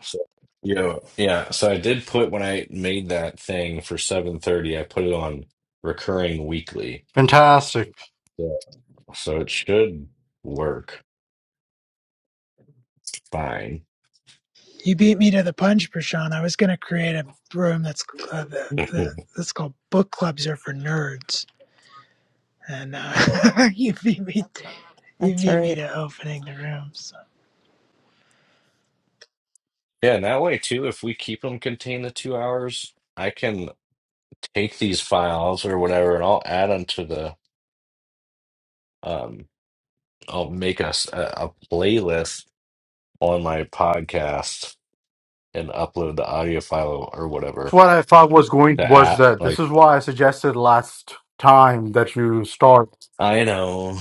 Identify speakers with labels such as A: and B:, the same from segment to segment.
A: So, yo, yeah. So I did put when I made that thing for 7:30, I put it on recurring weekly.
B: Fantastic.
A: Yeah. So it should work fine.
C: You beat me to the punch, Prashant. I was going to create a room that's uh, the, the, that's called "Book Clubs Are for Nerds," and uh, you beat me. To, you
D: That's
C: beat me
D: right.
C: to opening the room. So.
A: Yeah, and that way too, if we keep them contained to two hours, I can take these files or whatever and I'll add them to the um I'll make us a, a playlist on my podcast and upload the audio file or whatever.
B: What I thought was going
A: The
B: was
A: app
B: that this
A: like
B: is why I suggested last time that you start.
A: I know,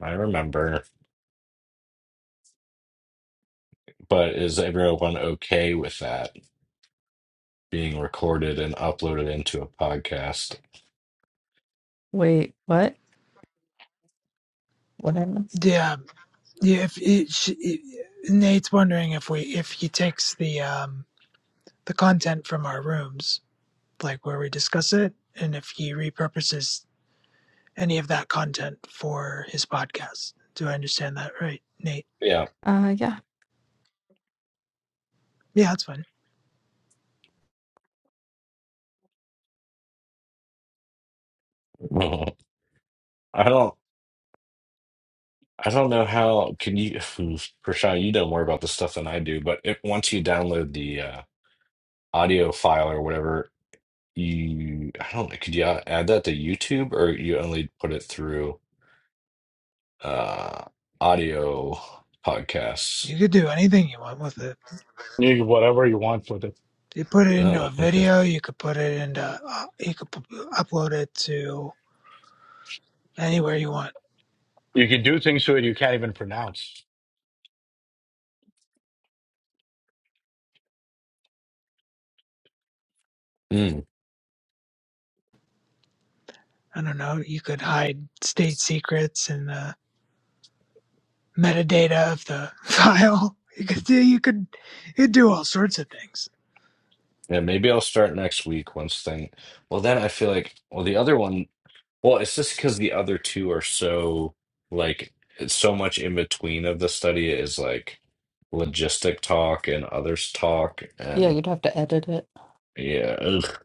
A: I remember. But is everyone okay with that being recorded and uploaded into a podcast?
D: Wait, what? What I miss?
C: Yeah, yeah. If it, sh- it, Nate's wondering if we if he takes the um the content from our rooms, like where we discuss it, and if he repurposes any of that content for his podcast. Do I understand that right, Nate?
A: Yeah.
D: Uh, yeah.
C: Yeah, that's fine.
A: Well, I don't I don't know how can you Prashant, you know more about this stuff than I do, but if once you download the uh, audio file or whatever, you I don't know, could you a- add that to YouTube or you only put it through uh audio podcasts?
C: You could do anything you want with it.
B: You whatever you want with it.
C: you put it into
A: Oh,
C: a
A: okay.
C: video, you could put it into, uh, you could p- upload it to anywhere you want.
B: You can do things to it you can't even pronounce.
A: Mm.
C: I don't know. You could hide state secrets and the metadata of the file. You could do, you could, you could do all sorts of things.
A: Yeah, maybe I'll start next week once thing. Well, then I feel like well the other one Well, it's just because the other two are so like it's so much in between of the study is like logistic talk and others talk
D: Yeah,
A: and
D: you'd have to edit it,
A: yeah, ugh,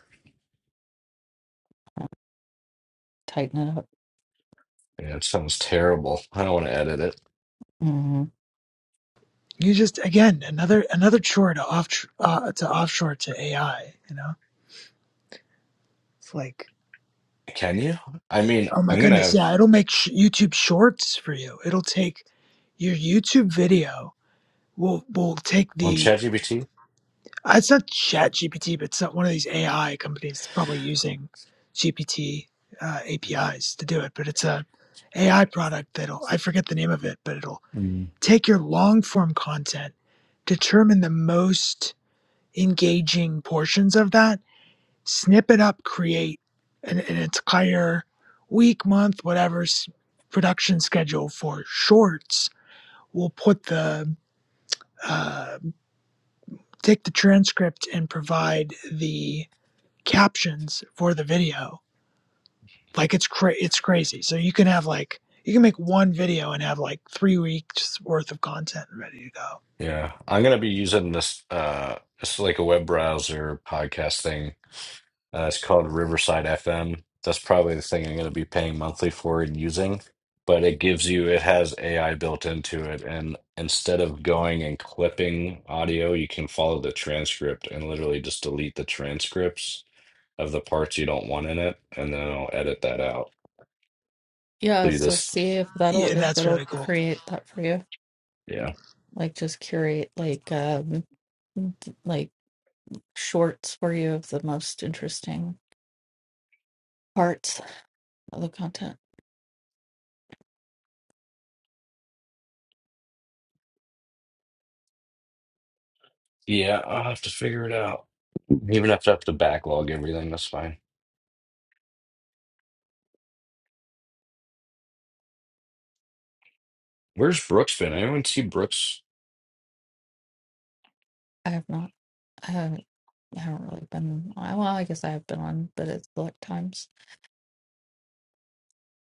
D: tighten it up.
A: yeah, it sounds terrible. I don't want to edit it.
D: hmm
C: You just again another another chore to off uh, to offshore to AI. You know, it's like
A: Can you? I mean,
C: oh my
A: I'm gonna
C: goodness,
A: have
C: yeah, it'll make sh- YouTube Shorts for you. It'll take your YouTube video will will take
A: on
C: the
A: ChatGPT.
C: Uh, It's not Chat GPT, but it's not one of these AI companies that's probably using GPT uh, APIs to do it. But it's a AI product that'll I forget the name of it, but it'll
A: Mm.
C: take your long form content, determine the most engaging portions of that, snip it up, create an, an entire week, month, whatever s- production schedule for shorts. We'll put the uh, take the transcript and provide the captions for the video. Like it's cra- it's crazy. So you can have like you can make one video and have like three weeks worth of content ready to go.
A: Yeah, I'm gonna be using this. Uh, it's like a web browser podcast thing Uh, it's called Riverside FM. That's probably the thing I'm going to be paying monthly for and using. But it gives you, it has AI built into it. And instead of going and clipping audio, you can follow the transcript and literally just delete the transcripts of the parts you don't want in it. And then i will edit that out. So
D: Yeah,
A: you
D: so
A: just,
D: see if that'll
C: Yeah,
D: if
C: that's really
D: it'll
C: cool.
D: create that for you.
A: yeah.
D: Like just curate like um d- like shorts for you of the most interesting parts of the content.
A: Yeah, I'll have to figure it out. Even if I have to backlog everything, that's fine. Where's Brooks been? Anyone see Brooks?
D: I have not. I haven't. I haven't really been. I- Well, I guess I have been on, but it's select times,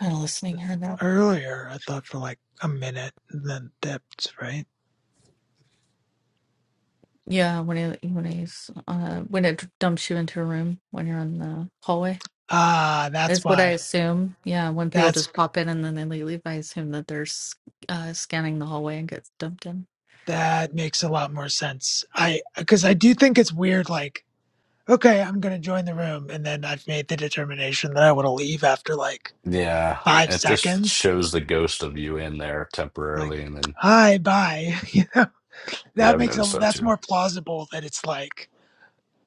D: kind of listening here and there.
C: Earlier, I thought for like a minute and then dipped. Right?
D: Yeah, when he when he's uh, when it dumps you into a room when you're on the hallway.
C: Ah, that's
D: Is what I
C: why.
D: assume. Yeah, when people
C: That's
D: just pop in and then they leave, I assume that they're s- uh, scanning the hallway and get dumped in.
C: that makes a lot more sense. I because I do think it's weird. Like, okay, I'm gonna join the room, and then I've made the determination that I want to leave after like
A: Yeah,
C: five
A: it just
C: seconds.
A: shows the ghost of you in there
C: Like,
A: temporarily, and then
C: hi, bye.
A: yeah,
C: that
A: I've
C: makes a,
A: noticed that
C: that's
A: too.
C: more plausible that it's like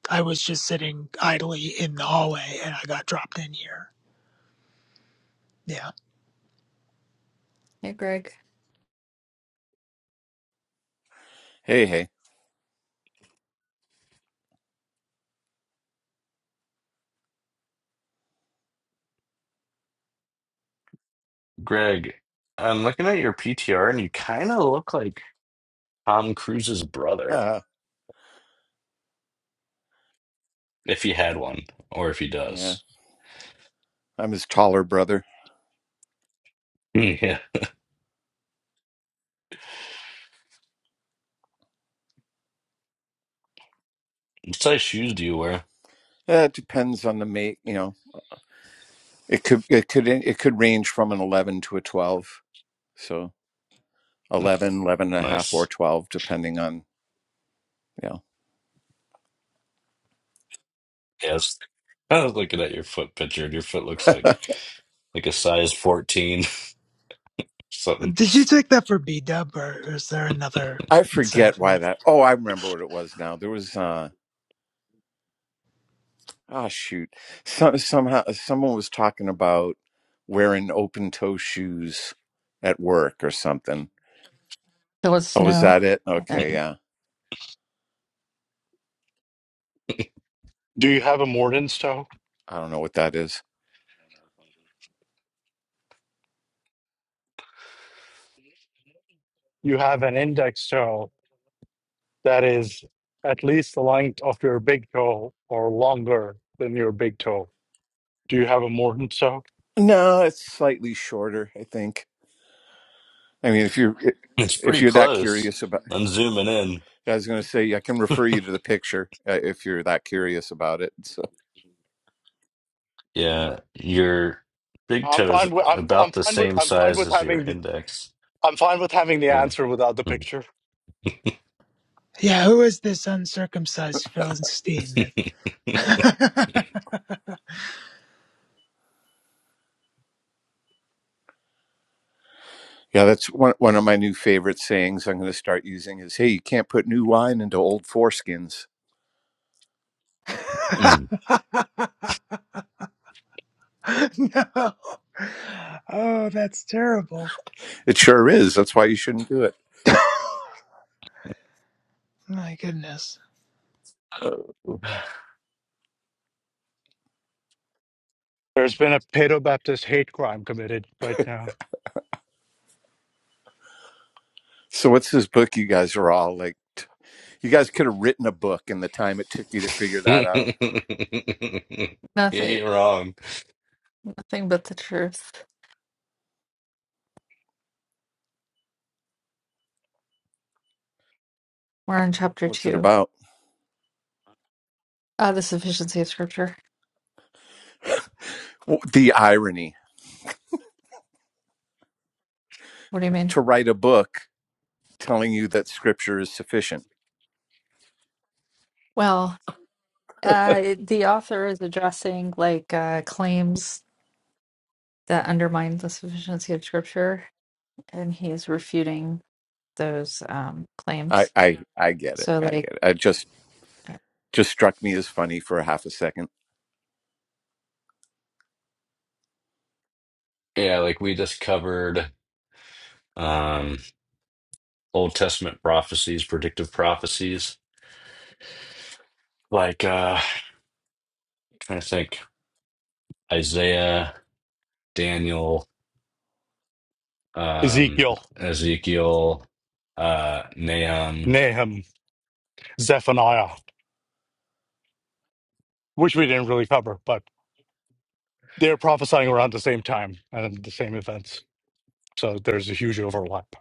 C: I was just sitting idly in the hallway and I got dropped in here. Yeah.
D: Hey, Greg.
E: Hey, hey.
A: Greg, I'm looking at your PTR, and you kind of look like Tom Cruise's brother,
E: Uh,
A: if he had one, or if he
E: yeah,
A: does.
E: I'm his taller brother.
A: Hmm, Yeah. What size shoes do you wear?
E: Uh, it depends on the mate. You know, it could it could it could range from an 11 to a 12. So 11, 11 and a half, or
A: Nice.
E: 12, depending on you know.
A: Yes. I was looking at your foot picture, and your foot looks like like a size 14 something.
C: Did you take that for B dub or is there another
E: I
C: inside
E: forget why
C: joke?
E: that. Oh, I remember what it was now. There was uh oh shoot, Some somehow someone was talking about wearing open toe shoes at work or something.
D: There was
E: Oh, was
D: snow
E: that it? Okay,
D: and
E: yeah.
B: Do you have a Morden's toe?
E: I don't know what that is.
B: You have an index toe that is at least the length of your big toe or longer than your big toe. Do you have a Morden's toe?
E: No, it's slightly shorter, I think. I mean, if you're
A: It's
E: if
A: pretty
E: you're that
A: close.
E: curious about,
A: I'm zooming in.
E: I was going to say I can refer you to the picture uh, if you're that curious about it. So
A: Yeah, your big
B: I'm
A: toe is
B: fine with I'm I'm
A: about the
B: fine with
A: same
B: I'm fine
A: size
B: with
A: as your
B: having the
A: index.
B: I'm fine with having the
A: Yeah.
B: answer without the picture.
C: Yeah, who is this uncircumcised Philistine that
E: yeah, that's one one of my new favorite sayings. I'm going to start using is, "Hey, you can't put new wine into old foreskins."
A: Mm.
C: No. Oh, that's terrible.
E: It sure is. That's why you shouldn't do it.
C: My goodness.
B: There's been a pedo Baptist hate crime committed right now.
E: So what's this book? You guys are all like, t- you guys could have written a book in the time it took you to figure that out.
A: You
D: nothing,
A: ain't wrong.
D: nothing but the truth. We're on chapter
E: What's it
D: two.
E: about?
D: Uh, the sufficiency of scripture.
E: Well, the irony.
D: What do you mean?
E: to write a book telling you that scripture is sufficient.
D: Well, uh, the author is addressing like uh, claims that undermine the sufficiency of scripture, and he is refuting those um,
E: I
D: claims.
E: I I get it.
D: So,
E: I get it.
D: like.
E: It just just struck me as funny for a half a second.
A: Yeah, like we just covered um Old Testament prophecies, predictive prophecies, like uh trying to think Isaiah, Daniel, um
B: Ezekiel,
A: Ezekiel, uh Nahum.
B: Nahum, Zephaniah, which we didn't really cover, but they're prophesying around the same time and the same events. So there's a huge overlap.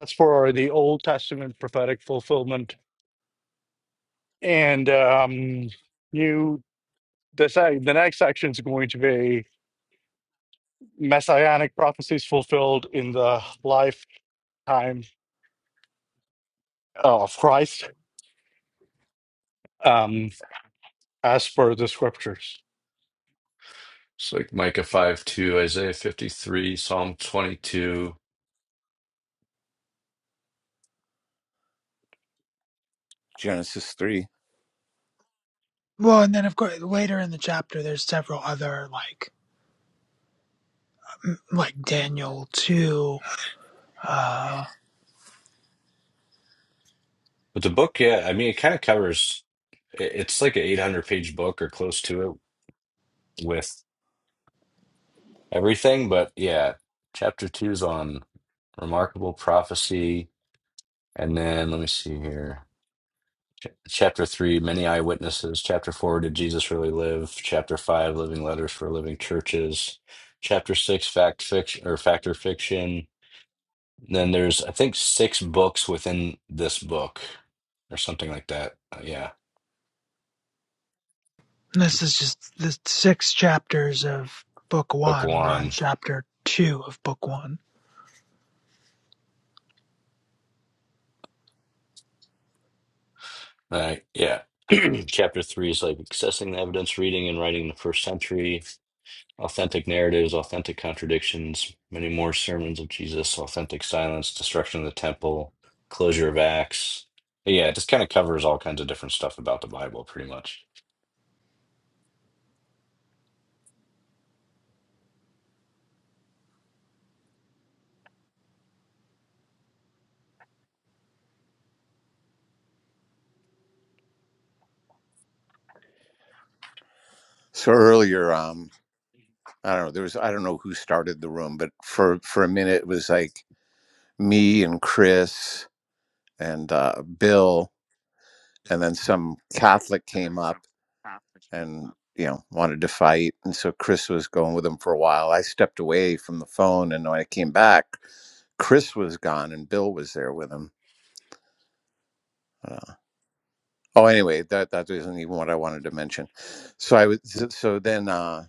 B: That's for the Old Testament prophetic fulfillment. And um, you the, se- the next section is going to be messianic prophecies fulfilled in the lifetime of Christ um, as per the scriptures.
A: It's like Micah 5 2, Isaiah 53, Psalm 22.
E: Genesis 3.
C: Well, and then of course later in the chapter there's several other like like Daniel 2 uh,
A: But the book, yeah, I mean, it kind of covers, it- it's like an 800 page book or close to it with everything. But yeah, chapter two is on remarkable prophecy. And then let me see here. Ch- Chapter three, many eyewitnesses. Chapter four, did Jesus really live? Chapter five, living letters for living churches. Chapter six, fact fiction or fact or fiction. Then there's, I think, six books within this book or something like that. Uh, yeah.
C: And This is just the six chapters of book
A: Book
C: one. We're on
A: one.
C: chapter two of book one.
A: Right. Yeah. Chapter three is like accessing the evidence, reading and writing the first century, authentic narratives, authentic contradictions, many more sermons of Jesus, authentic silence, destruction of the temple, closure of Acts. Yeah, it just kind of covers all kinds of different stuff about the Bible, pretty much.
E: So earlier um I don't know, there was I don't know who started the room, but for for a minute it was like me and Chris and uh Bill and then some Catholic came up and you know wanted to fight and so Chris was going with him for a while. I stepped away from the phone and when I came back, Chris was gone and Bill was there with him. Uh, Oh, anyway, that that isn't even what I wanted to mention. So I was so so then uh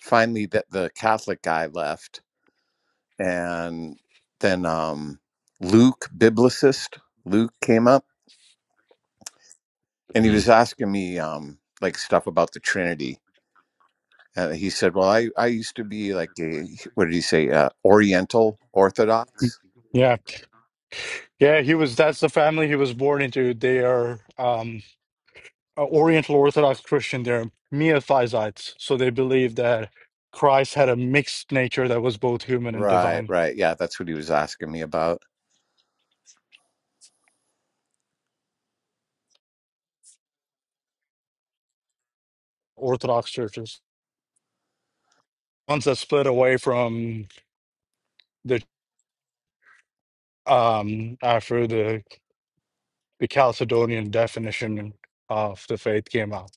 E: finally that the Catholic guy left and then um Luke biblicist Luke came up and he
A: Mm-hmm.
E: was asking me um like stuff about the Trinity. And he said, "Well, I I used to be like a what did he say? Uh, Oriental
B: Mm,
E: Orthodox."
B: Yeah, yeah, he was. That's the family he was born into. They are. Um, uh, Oriental Orthodox Christian, they're Miaphysites. So they believe that Christ had a mixed nature that was both human and
E: Right,
B: divine.
E: right. Yeah, that's what he was asking me about.
B: Orthodox churches, ones that split away from the um after the the Chalcedonian definition of the faith came out,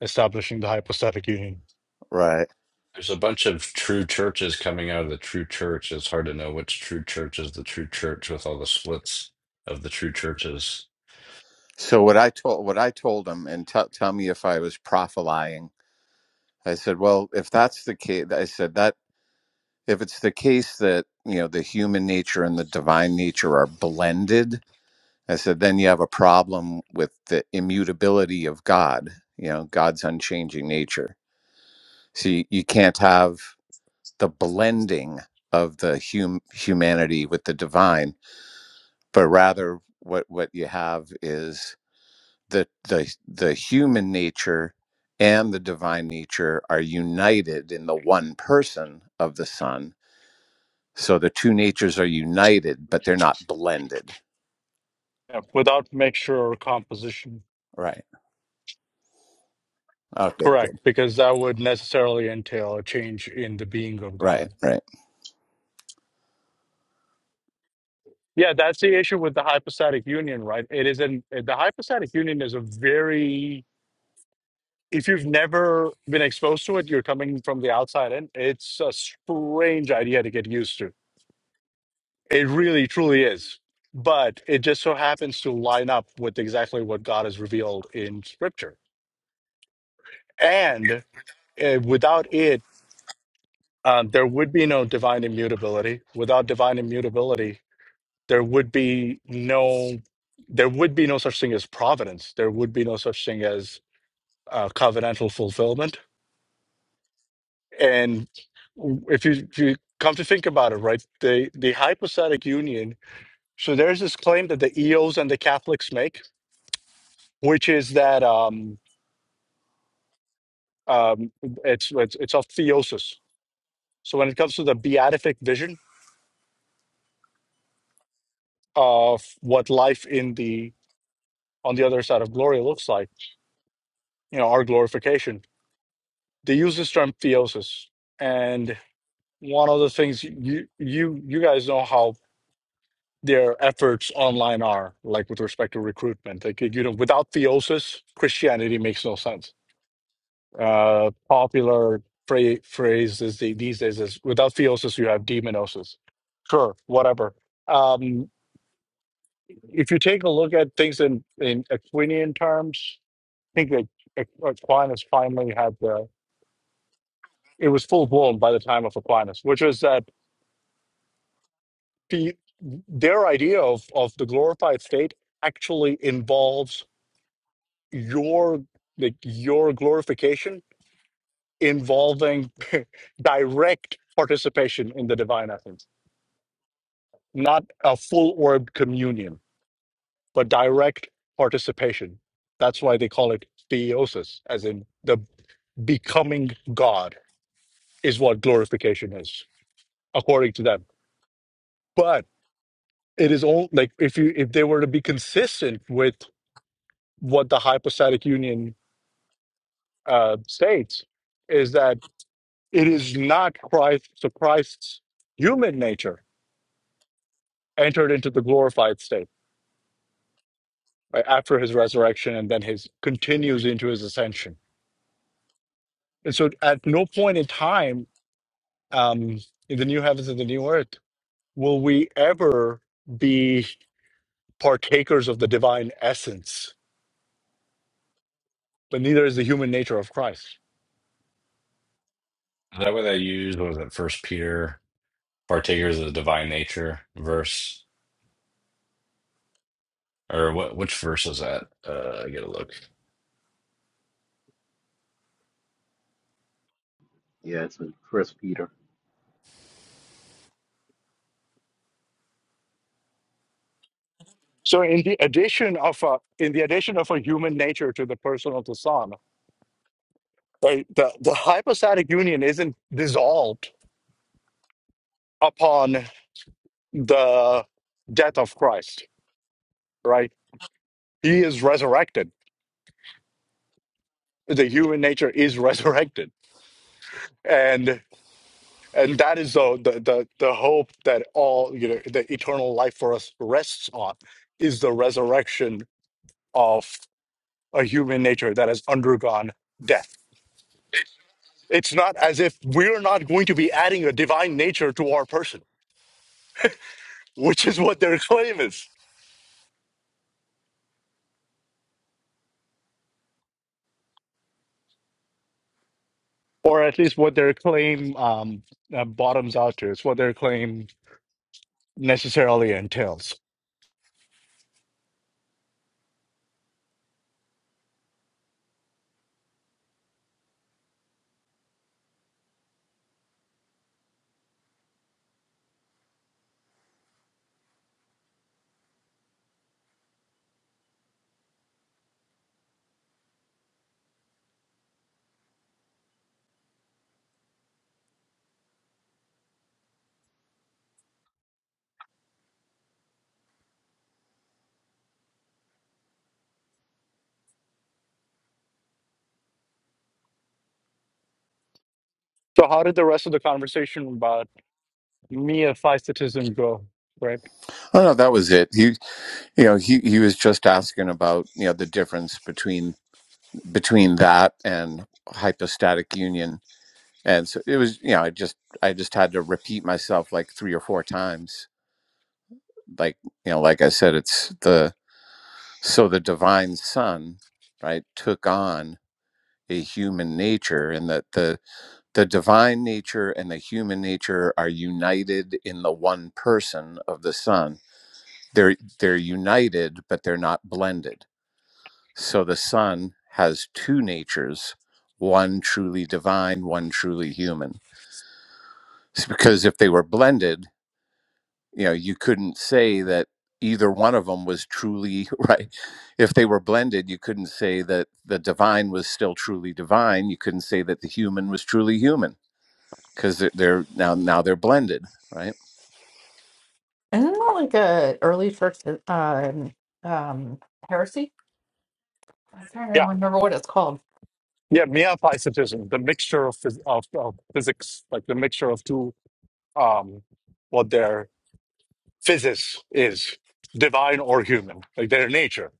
B: establishing the hypostatic union
E: Right.
A: There's a bunch of true churches coming out of the true church. It's hard to know which true church is the true church with all the splits of the true churches.
E: So what I told what I told him and tell tell me if I was prophylying. I said, well, if that's the case, I said that if it's the case that, you know, the human nature and the divine nature are blended, I said, then you have a problem with the immutability of God, you know, God's unchanging nature. See, you you can't have the blending of the hum- humanity with the divine, but rather what, what you have is the the the human nature and the divine nature are united in the one person of the son so the two natures are united but they're not blended
B: yeah, without mixture or composition.
E: right okay
B: Correct,
E: good
B: because that would necessarily entail a change in the being of God
E: right right
B: Yeah, that's the issue with the hypostatic union, right? It is an eh, the hypostatic union is a very if you've never been exposed to it, you're coming from the outside in. It's a strange idea to get used to. It really truly is. But it just so happens to line up with exactly what God has revealed in scripture. And uh, without it, um, there would be no divine immutability. Without divine immutability, there would be no there would be no such thing as providence there would be no such thing as uh, covenantal fulfillment and if you, if you come to think about it right the the hypostatic union so there's this claim that the eos and the catholics make which is that um, um, it's, it's it's of theosis so when it comes to the beatific vision of what life in the on the other side of glory looks like you know our glorification they use this term theosis, and one of the things you you you guys know how their efforts online are, like with respect to recruitment. Like you know, without theosis, Christianity makes no sense. Uh, popular phra- phrase is the, these days is without theosis, you have demonosis. Sure, whatever. Um, if you take a look at things in in Aquinian terms, I think that Aqu- Aquinas finally had the it was full blown by the time of Aquinas, which was that the their idea of of the glorified state actually involves your like your glorification involving direct participation in the divine essence not a full orbed communion but direct participation that's why they call it theosis as in the becoming god is what glorification is according to them but it is all like if you if they were to be consistent with what the hypostatic union uh, states is that it is not Christ, so Christ's human nature entered into the glorified state right, after his resurrection and then his continues into his ascension. And so at no point in time um, in the new heavens and the new earth will we ever be partakers of the divine essence, but neither is the human nature of Christ.
A: Is that what I used? What was it? First Peter, partakers of the divine nature verse, or what? Which verse is that? Uh, I gotta look.
F: Yeah, it's in First Peter.
B: So in the addition of a, in the addition of a human nature to the person of the Son, Right? The, the hypostatic union isn't dissolved upon the death of Christ, right? He is resurrected. The human nature is resurrected. And and that is the, the the the hope that all you know the eternal life for us rests on is the resurrection of a human nature that has undergone death. It's not as if we're not going to be adding a divine nature to our person, which is what their claim is or at least what their claim um, uh, bottoms out to. It's what their claim necessarily entails. So, how did the rest of the conversation about miaphysitism go? Right?
E: oh no that was it he you know he he was just asking about you know the difference between between that and hypostatic union and so it was you know i just i just had to repeat myself like three or four times like you know like i said it's the So the divine son, right, took on a human nature and that the the divine nature and the human nature are united in the one person of the son. They're they're united but they're not blended. So the son has two natures, one truly divine, one truly human. It's because if they were blended, you know you couldn't say that either one of them was truly right if they were blended you couldn't say that the divine was still truly divine you couldn't say that the human was truly human because they're, they're now now they're blended right
D: Isn't that like a early church uh, um, um, heresy? I'm trying to
B: Yeah,
D: remember what it's called.
B: yeah, miaphysitism, the mixture of, phys- of, of physics, like the mixture of two, um, what their physis is, divine or human, like their nature.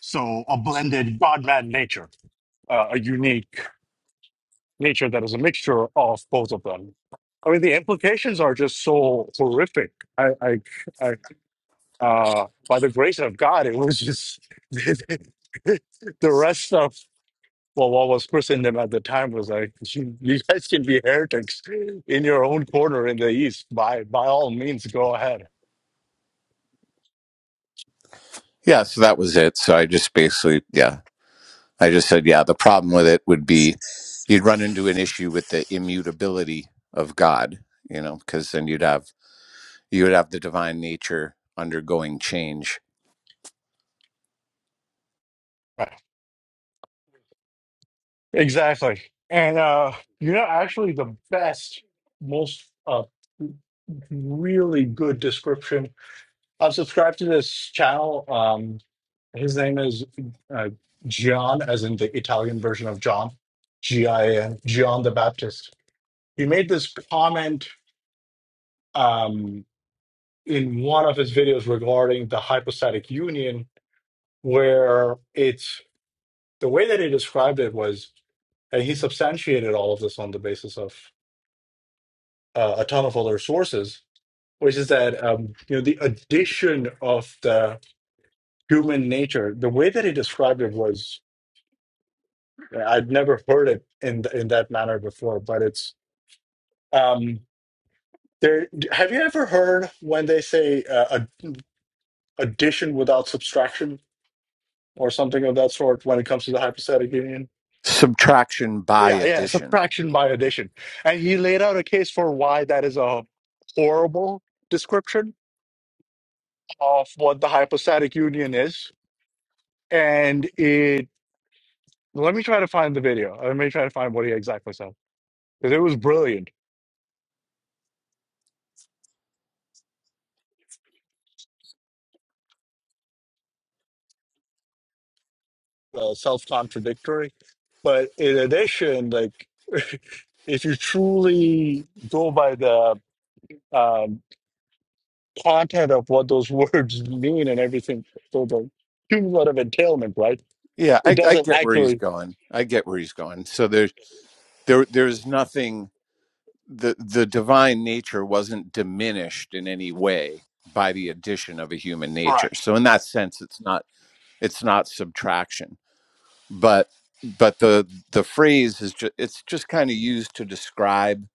B: So, a blended God man nature, uh, a unique. nature that is a mixture of both of them. I mean, the implications are just so horrific. I, I, I uh, by the grace of God, it was just the rest of well, what was Christendom at the time was like, you, you guys can be heretics in your own corner in the East. By by all means, go ahead.
E: yeah so that was it so i just basically yeah i just said yeah the problem with it would be you'd run into an issue with the immutability of god you know because then you'd have you would have the divine nature undergoing change
B: Right. Exactly. And uh, you know, actually, the best, most uh, really good description I'm subscribed to this channel. Um, his name is uh, Gian, as in the Italian version of John, G I N, John the Baptist. He made this comment um, in one of his videos regarding the hypostatic union, where it's the way that he described it was, and he substantiated all of this on the basis of uh, a ton of other sources, which is that um, you know the addition of the human nature. The way that he described it was. Yeah, I'd never heard it in th- in that manner before, but it's um there have you ever heard when they say uh, ad- addition without subtraction or something of that sort when it comes to the hypostatic union?
E: subtraction by
B: Yeah, yeah,
E: addition
B: subtraction by addition. And he laid out a case for why that is a horrible description of what the hypostatic union is. And it let me try to find the video. Let me try to find what he exactly said because it was brilliant. uh, self-contradictory. But in addition, like if you truly go by the um, content of what those words mean and everything, so the cumulative entailment, right?
E: Yeah,
B: It
E: I, I
B: doesn't
E: get where he's
B: actually.
E: going. I get where he's going. So there, there there's nothing the the divine nature wasn't diminished in any way by the addition of a human nature.
B: Correct.
E: So in that sense it's not it's not subtraction. But but the the phrase is just it's just kind of used to describe,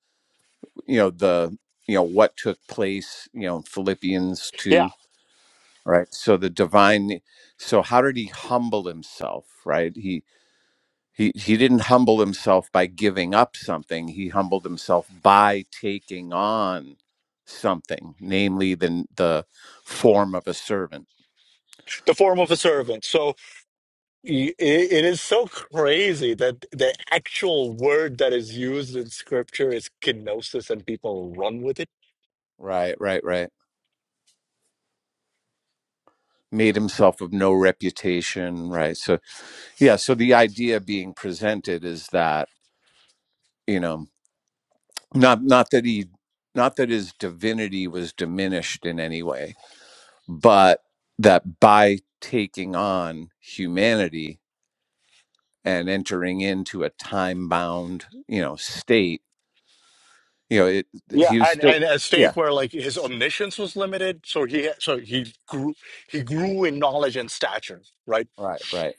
E: you know, the you know what took place, you know, in Philippians
B: Yeah,
E: 2, right? So the divine so how did he humble himself, right? He He, he didn't humble himself by giving up something. He humbled himself by taking on something, namely the, the form of a servant.
B: the form of a servant. So i- i- it is so crazy that the actual word that is used in scripture is kenosis and people run with it
E: Right, right, right. Made himself of no reputation. Right. So, yeah. So the idea being presented is that, you know, not, not that he, not that his divinity was diminished in any way, but that by taking on humanity, and entering into a time bound, you know, state, you know, it,
B: Yeah,
E: he was
B: and,
E: still,
B: and a
E: yeah,
B: state where like his omniscience was limited, so he so he grew he grew in knowledge and stature, right?
E: right, right,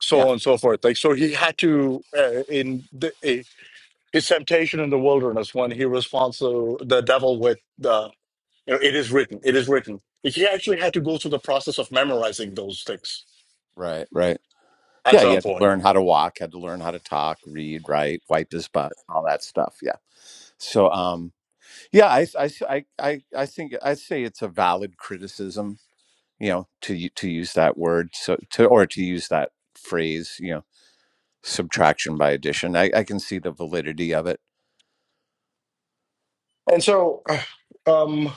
B: So
E: yeah,
B: on and so forth. Like so, he had to uh, in the, uh, his temptation in the wilderness when he responds to the devil with the you know, it is written, it is written. Like, He actually had to go through the process of memorizing those things
E: right, right.
B: at
E: Yeah, he
B: some
E: had to
B: point, point.
E: learn how to walk, had to learn how to talk, read, write, wipe his butt, all that stuff. Yeah. So, um, yeah, I, I, I, I I think I'd say it's a valid criticism, you know, to u- to use that word, so to or to use that phrase, you know, subtraction by addition. I, I can see the validity of it.
B: and so uh, um.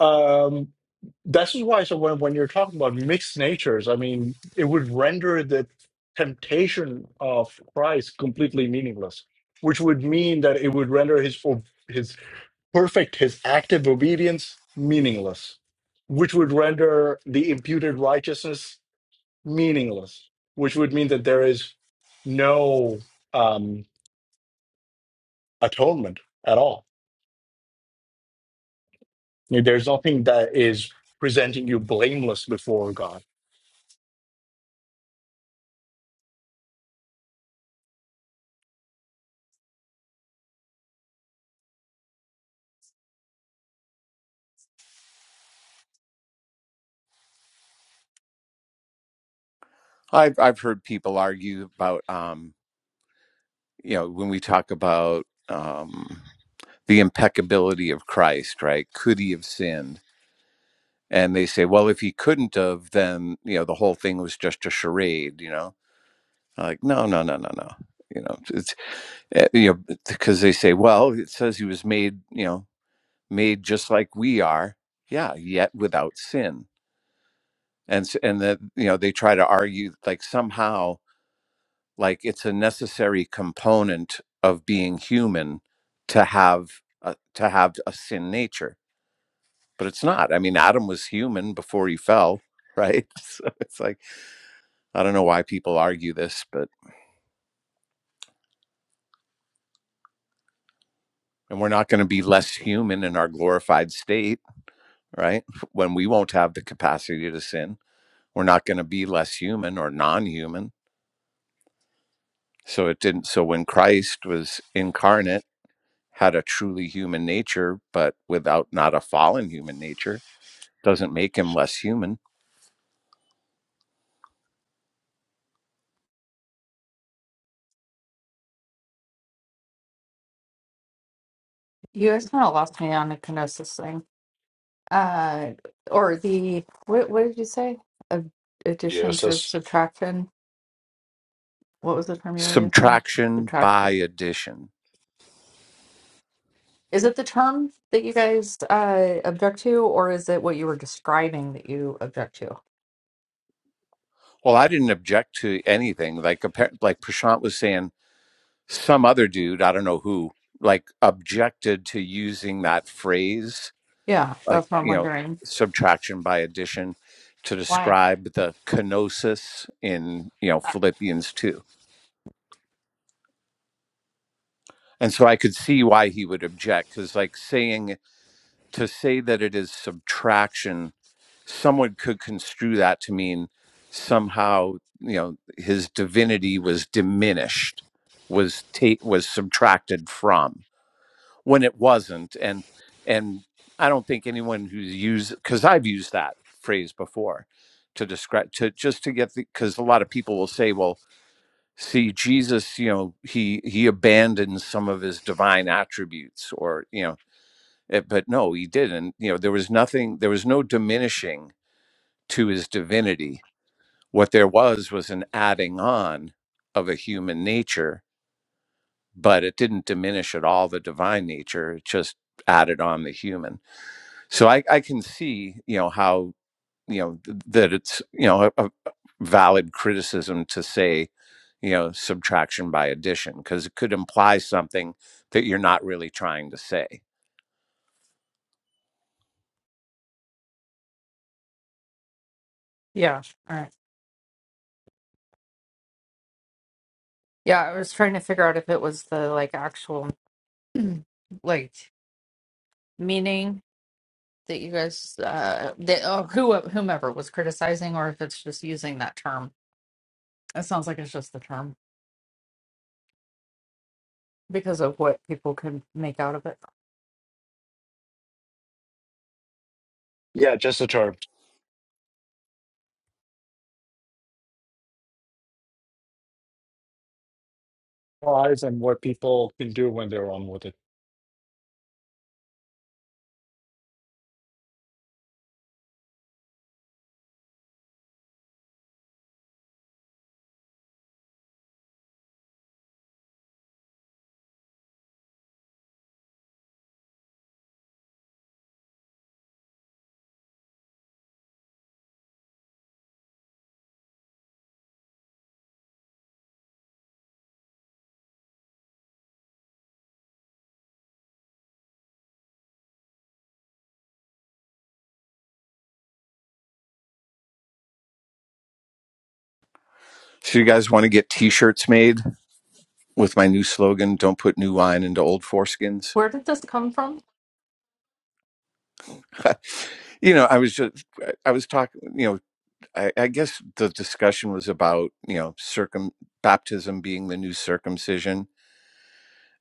B: Um, this is why. So when when you're talking about mixed natures, I mean, it would render the temptation of Christ completely meaningless, which would mean that it would render his o- his perfect, his active obedience meaningless, which would render the imputed righteousness meaningless, which would mean that there is no um, atonement at all. There's nothing that is presenting you blameless before God.
E: I've I've heard people argue about um, you know when we talk about um, the impeccability of Christ, right? Could he have sinned? And they say, well, if he couldn't have, then you know the whole thing was just a charade. You know, like no, no, no, no, no. You know, it's eh, you know because they say, well, it says he was made, you know, made just like we are. Yeah, yet without sin. And s- and that you know they try to argue like somehow like it's a necessary component of being human to have a, to have a sin nature but it's not i mean adam was human before he fell right so it's like i don't know why people argue this but and we're not going to be less human in our glorified state right when we won't have the capacity to sin we're not going to be less human or non-human so it didn't so when christ was incarnate had a truly human nature but without not a fallen human nature doesn't make him less human.
D: You guys kind of lost me on the kenosis thing. Uh, or the what? What did you say? Ad- addition through
A: Theosis.
D: subtraction. What was the term you were using?
E: Subtraction by
D: Subtraction.
E: addition.
D: Is it the term that you guys uh, object to, or is it what you were describing that you object to?
E: Well, I didn't object to anything. Like like Prashant was saying, some other dude, I don't know who, like objected to using that phrase,
D: Yeah,
E: like
D: that's what I'm
E: you know,
D: wondering.
E: subtraction by addition, to
D: Why?
E: describe the kenosis in you know
D: Uh,
E: Philippians two. And so I could see why he would object, because like saying to say that it is subtraction, someone could construe that to mean somehow, you know, his divinity was diminished, was ta- was subtracted from when it wasn't. And and I don't think anyone who's used because I've used that phrase before to describe to just to get the, because a lot of people will say, well, see Jesus, you know, he he abandons some of his divine attributes, or you know Eh, but no, he didn't. You know, there was nothing, there was no diminishing to his divinity. What there was was an adding on of a human nature, but it didn't diminish at all the divine nature. It just added on the human. So I, I can see, you know, how you know th- that it's you know a, a valid criticism to say you know subtraction by addition because it could imply something that you're not really trying to say
D: Yeah. All right. Yeah, I was trying to figure out if it was the like actual like meaning that you guys uh that or who whomever was criticizing or if it's just using that term it sounds like it's just the term because of what people can make out of it
B: Yeah, just a term. lies and what people can do when they're on with it.
E: so you guys want to get t-shirts made with my new slogan don't put new wine into old foreskins
D: where did this come from
E: you know i was just i I was talking you know I, I guess the discussion was about you know circum baptism being the new circumcision,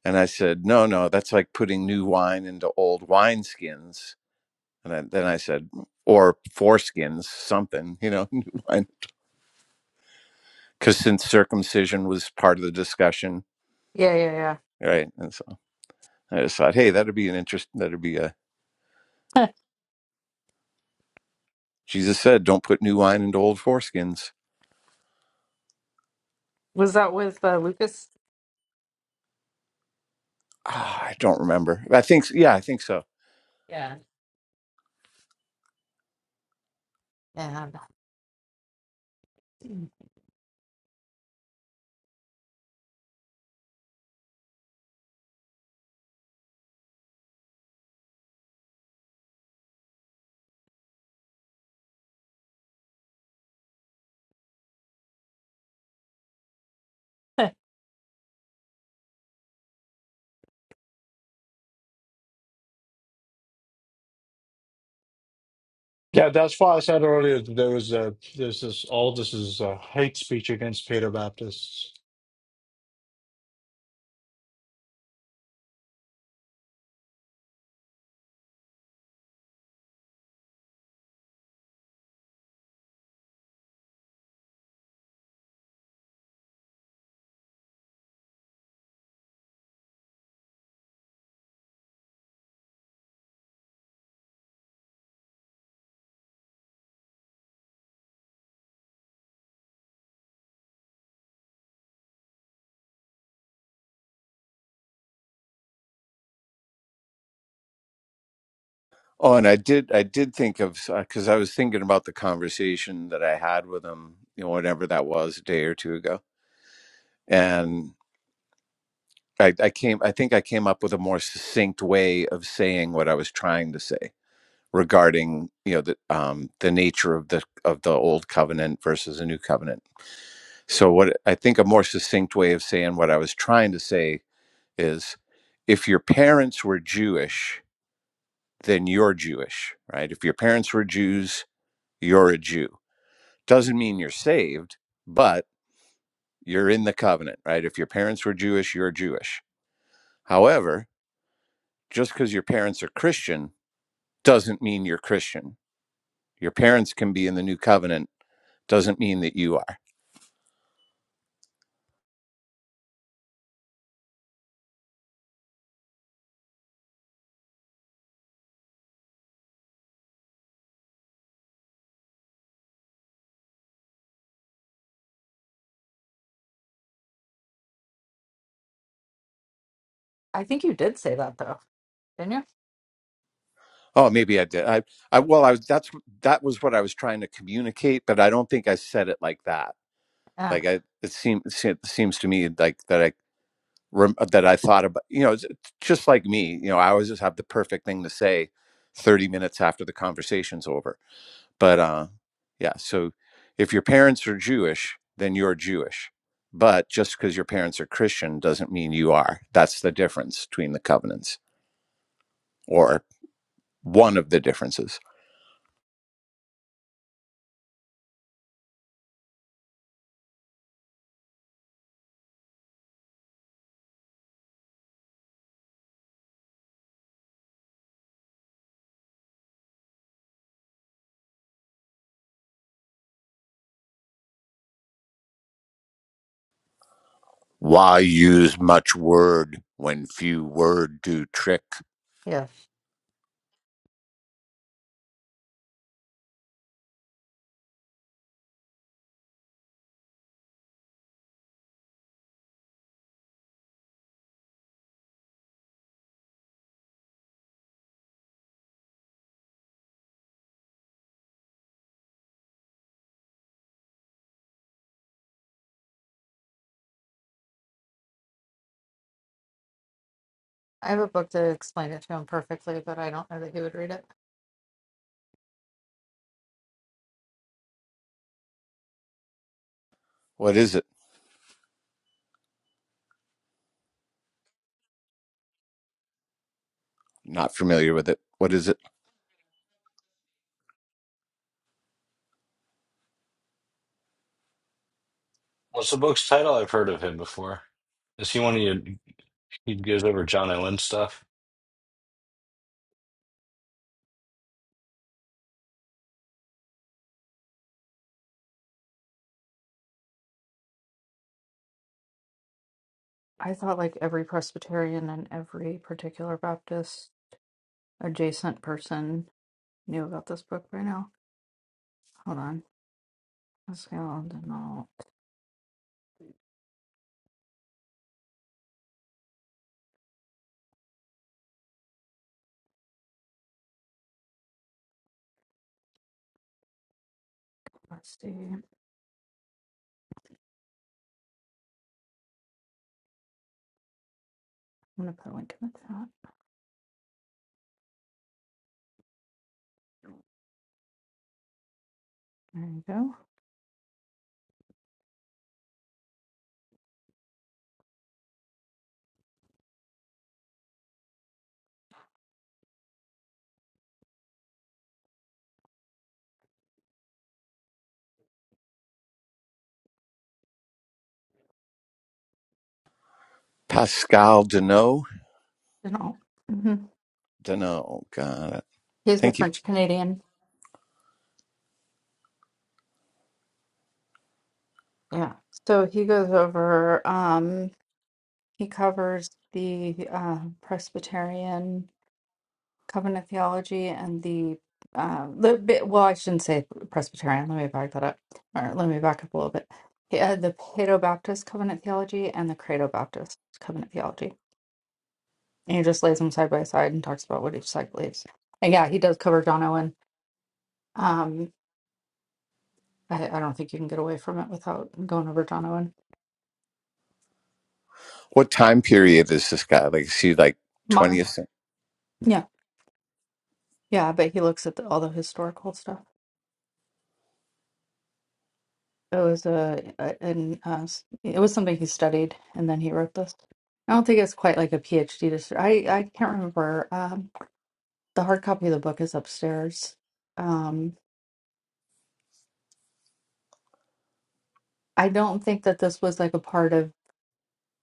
E: and I said no, no, that's like putting new wine into old wineskins. And then, then I said, or foreskins, something, you know, new wine. Because since circumcision was part of the discussion,
D: yeah yeah yeah
E: right? And so I just thought, hey, that'd be an interest. That'd be a Jesus said, don't put new wine into old foreskins.
D: was that with uh, lucas
E: Ah, I don't remember. I think, yeah, I think so.
D: yeah and i
B: Yeah, that's why I said earlier that there was a there's this all this is uh hate speech against Peter Baptists.
E: Oh, and I did. I did think of because I was thinking about the conversation that I had with him, you know, whatever that was, a day or two ago, and I, I came. I think I came up with a more succinct way of saying what I was trying to say regarding, you know, the um, the nature of the of the old covenant versus a new covenant. So, what I think a more succinct way of saying what I was trying to say is, if your parents were Jewish, then you're Jewish, right? If your parents were Jews, you're a Jew Doesn't mean you're saved, but you're in the covenant, right? If your parents were Jewish, you're Jewish. However, just because your parents are Christian doesn't mean you're Christian. Your parents can be in the new covenant, doesn't mean that you are.
D: I think you did say that though didn't you
E: Oh, maybe I did. I, I, well, I was, that's, that was what I was trying to communicate, but I don't think I said it like that.
D: yeah
E: Like I, it seems, it seem- seems to me like that I, rem- that I thought about, you know, it's it's just like me, you know, I always just have the perfect thing to say 30 minutes after the conversation's over. But, uh, yeah. So if your parents are Jewish, then you're Jewish. But just because your parents are Christian doesn't mean you are. That's the difference between the covenants or one of the differences. Why use much word when few word do trick?
D: yeah I have a book to explain it to him perfectly, but I don't know that he would read it.
E: What is it? Not familiar with it. What is it?
A: What's the book's title? I've heard of him before. Is he one of you? He goes over John Owen stuff.
D: I thought like every Presbyterian and every particular Baptist adjacent person knew about this book by now. Hold on. Let's go. on Denault. Let's see. I'm going to put a link in the chat. There you go.
E: Pascal Deneau?
D: Denault. Mm-hmm.
E: Deneau. Got it.
D: He's a
E: Thank you.
D: French Canadian. Yeah. So he goes over, um, he covers the uh, Presbyterian covenant theology and the uh, the bit, well, I shouldn't say Presbyterian. Let me back that up, or let me back up a little bit. He had the Pado Baptist covenant theology and the Credo Baptist covenant theology, and he just lays them side by side and talks about what each side believes. And yeah, he does cover John Owen. Um, I, I don't think you can get away from it without going over John Owen.
E: What time period is this guy? Like, is he like
D: Modern,
E: 20th? century?
D: yeah, yeah, but he looks at the, all the historical stuff. It was a, a an uh, s- it was something he studied, and then he wrote this. I don't think it's quite like a PhD. Dis- I I can't remember. Um, the hard copy of the book is upstairs. Um, I don't think that this was like a part of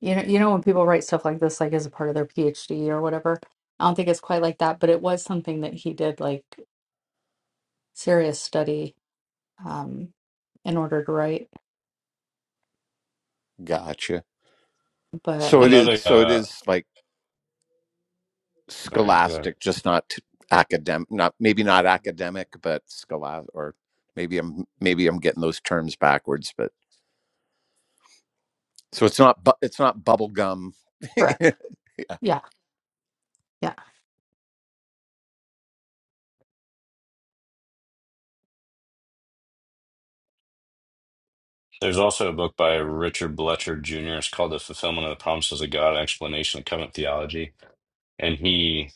D: you know you know when people write stuff like this like as a part of their PhD or whatever. I don't think it's quite like that, but it was something that he did like serious study um in order to write.
E: Gotcha.
D: But
A: There's
E: So
D: I
E: it is.
A: another.
E: So it
A: Uh,
E: is like
A: sorry. go ahead.
E: scholastic, just not academic. Not maybe not academic, but scholastic. Or maybe I'm maybe I'm getting those terms backwards. But so it's not. Bu- it's not bubble gum.
D: correct, yeah, yeah.
A: There's also a book by Richard Bletcher Jr. It's called The Fulfillment of the Promises of God, An Explanation of Covenant Theology. And he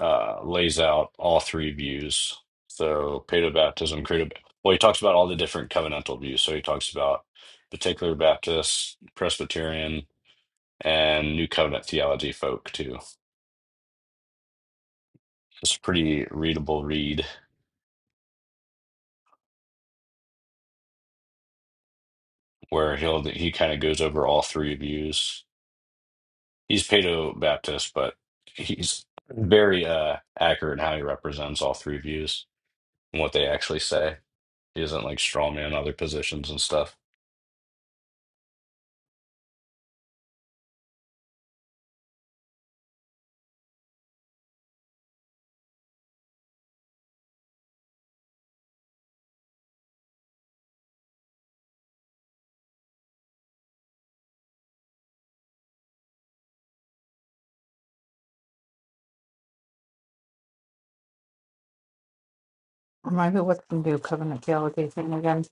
A: uh, lays out all three views. So, paedobaptism, credo. Well, he talks about all the different covenantal views. So, he talks about particular Baptist, Presbyterian, and New Covenant theology folk, too. It's a pretty readable read where he'll, he kind of goes over all three views. he's Paedo Baptist, but he's very uh accurate in how he represents all three views and what they actually say. He isn't like strawman other positions and stuff.
D: Remind me what the new covenant theology thing again?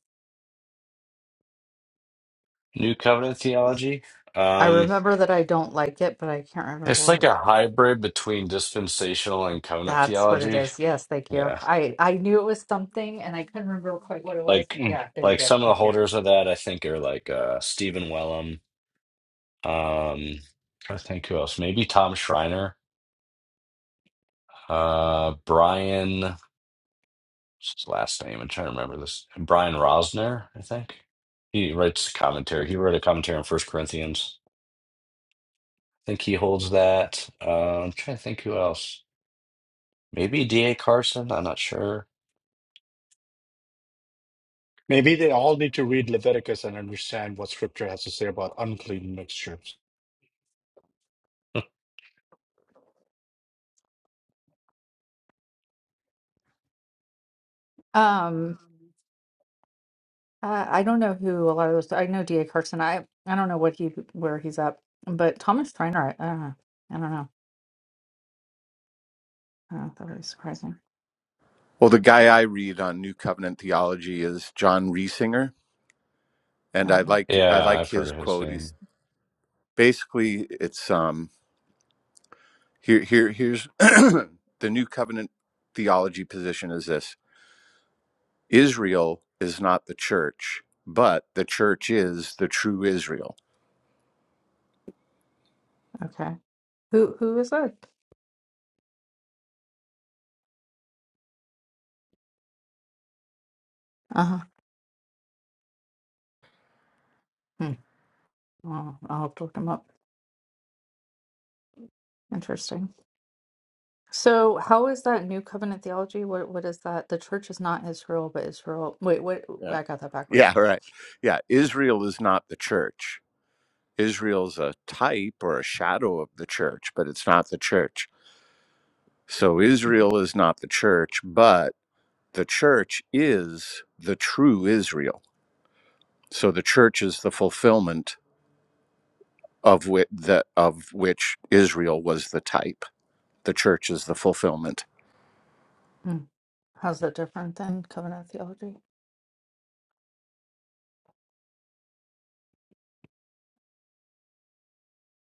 A: New covenant theology.
D: I
A: Um
D: remember that I don't like it, but I can't remember
A: it's
D: what
A: like
D: it-
A: a hybrid between dispensational and covenant
D: that's what it
A: theology.
D: is. Yes, thank you.
A: Yeah.
D: I I knew it was something and I couldn't remember quite what it was.
A: Like
B: Mm.
D: Yeah, there you
A: like
D: go.
A: some of the
D: Thank you.
A: holders of that I think are like uh Stephen Wellum, um I think who else? Maybe Tom Schreiner, uh Brian what's his last name? I'm trying to remember this. Brian Rosner, I think. He writes commentary. He wrote a commentary on First Corinthians. I think he holds that. Uh, I'm trying to think who else. Maybe D.A. Carson. I'm not sure.
B: Maybe they all need to read Leviticus and understand what Scripture has to say about unclean mixtures.
D: Um uh, I don't know who a lot of those I know DA Carson. I I don't know what he where he's up, but Thomas Trainor, I, I don't know. I don't know. I don't know. That would be surprising.
E: Well, the guy I read on New Covenant theology is John Riesinger,
D: I
E: and I
D: don't know.
E: like I
A: Yeah,
E: like
A: I've heard
E: his
A: of his
E: quote.
A: name.
E: He's basically it's um here here here's the New Covenant theology position is this: Israel is not the church, but the church is the true Israel.
D: Okay. Who who is that? Uh-huh. Hmm. I'll, I'll have to look him up. Interesting. So, how is that new covenant theology? What what is that? The church is not Israel, but Israel. Wait, what?
E: Yeah.
D: I got that backwards.
E: Yeah, right. Yeah, Israel is not the church. Israel's a type or a shadow of the church, but it's not the church. So Israel is not the church, but the church is the true Israel. So the church is the fulfillment of which the, of which Israel was the type. The church is the fulfillment.
D: Mm. How's that different than covenant theology?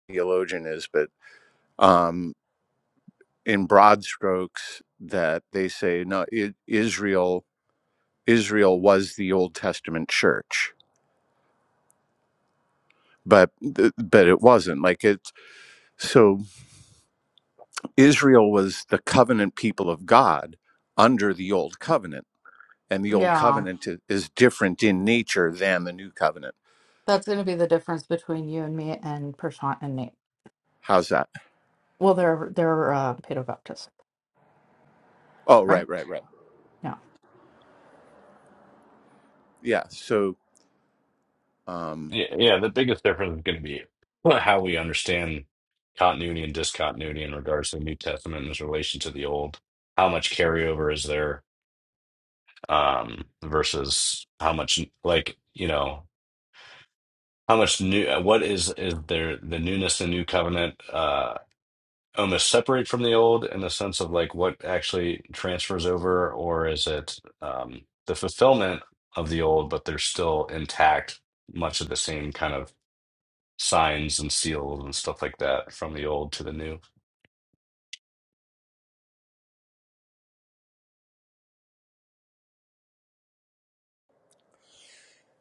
E: Theologian is, but um, in broad strokes, that they say no. It, Israel Israel was the Old Testament church, but th- but it wasn't like it. So Israel was the covenant people of God under the old covenant and the old
D: Yeah,
E: covenant is different in nature than the new covenant.
D: that's going to be the difference between you and me and Prashant and Nate.
E: How's that?
D: Well, they're they're uh, Paedo-Baptist,
E: Oh,
D: right?
E: right, right, right.
D: Yeah,
E: Yeah. So, um,
A: Yeah, yeah, the biggest difference is going to be how we understand continuity and discontinuity in regards to the New Testament in its relation to the Old. How much carryover is there um, versus how much, like, you know. How much new, uh, what is, is there the newness in new covenant uh, almost separate from the old in the sense of like what actually transfers over, or is it um, the fulfillment of the old, but they're still intact, much of the same kind of signs and seals and stuff like that from the old to the new?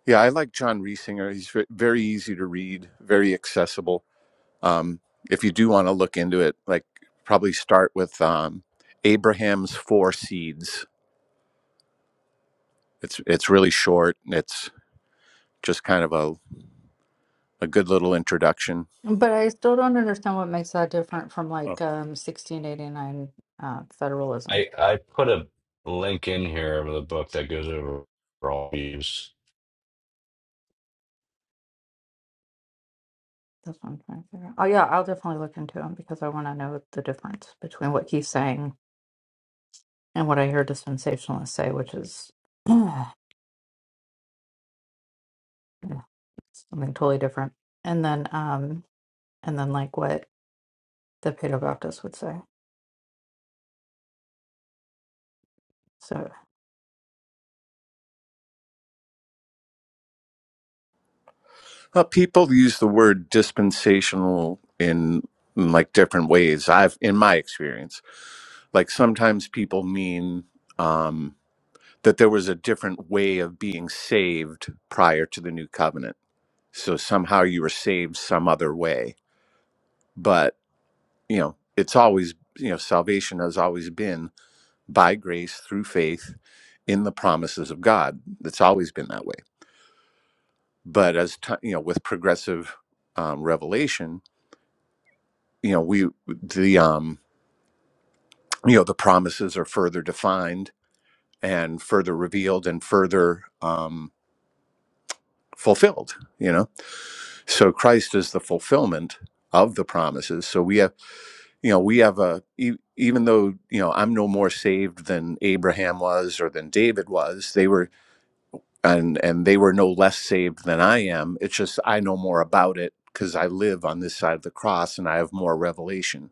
E: yeah, I like John Riesinger. He's ve- very easy to read, very accessible. Um, if you do want to look into it, like probably start with um, Abraham's Four Seeds. It's it's really short. and It's just kind of a a good little introduction.
D: but I still don't understand what makes that different from
E: Oh.
D: like um, 1689 uh, federalism.
A: I, I put a link in here of the book that goes over all these.
D: That's what I'm trying to figure out. Oh yeah, I'll definitely look into him because I want to know the difference between what he's saying and what I hear dispensationalists say, which is something totally different. And then, um, and then like what the Pado Baptist would say. So,
E: Uh, people use the word dispensational in, in like different ways. I've in my experience Like sometimes people mean um, that there was a different way of being saved prior to the new covenant. So somehow you were saved some other way. But, you know, it's always, you know, salvation has always been by grace through faith in the promises of God. It's always been that way. But as time, you know, with progressive um, revelation, you know, we the um, you know the promises are further defined and further revealed and further. um, fulfilled you know so christ is the fulfillment of the promises so we have you know we have a e- even though you know i'm no more saved than abraham was or than david was they were and and they were no less saved than i am it's just i know more about it because i live on this side of the cross and i have more revelation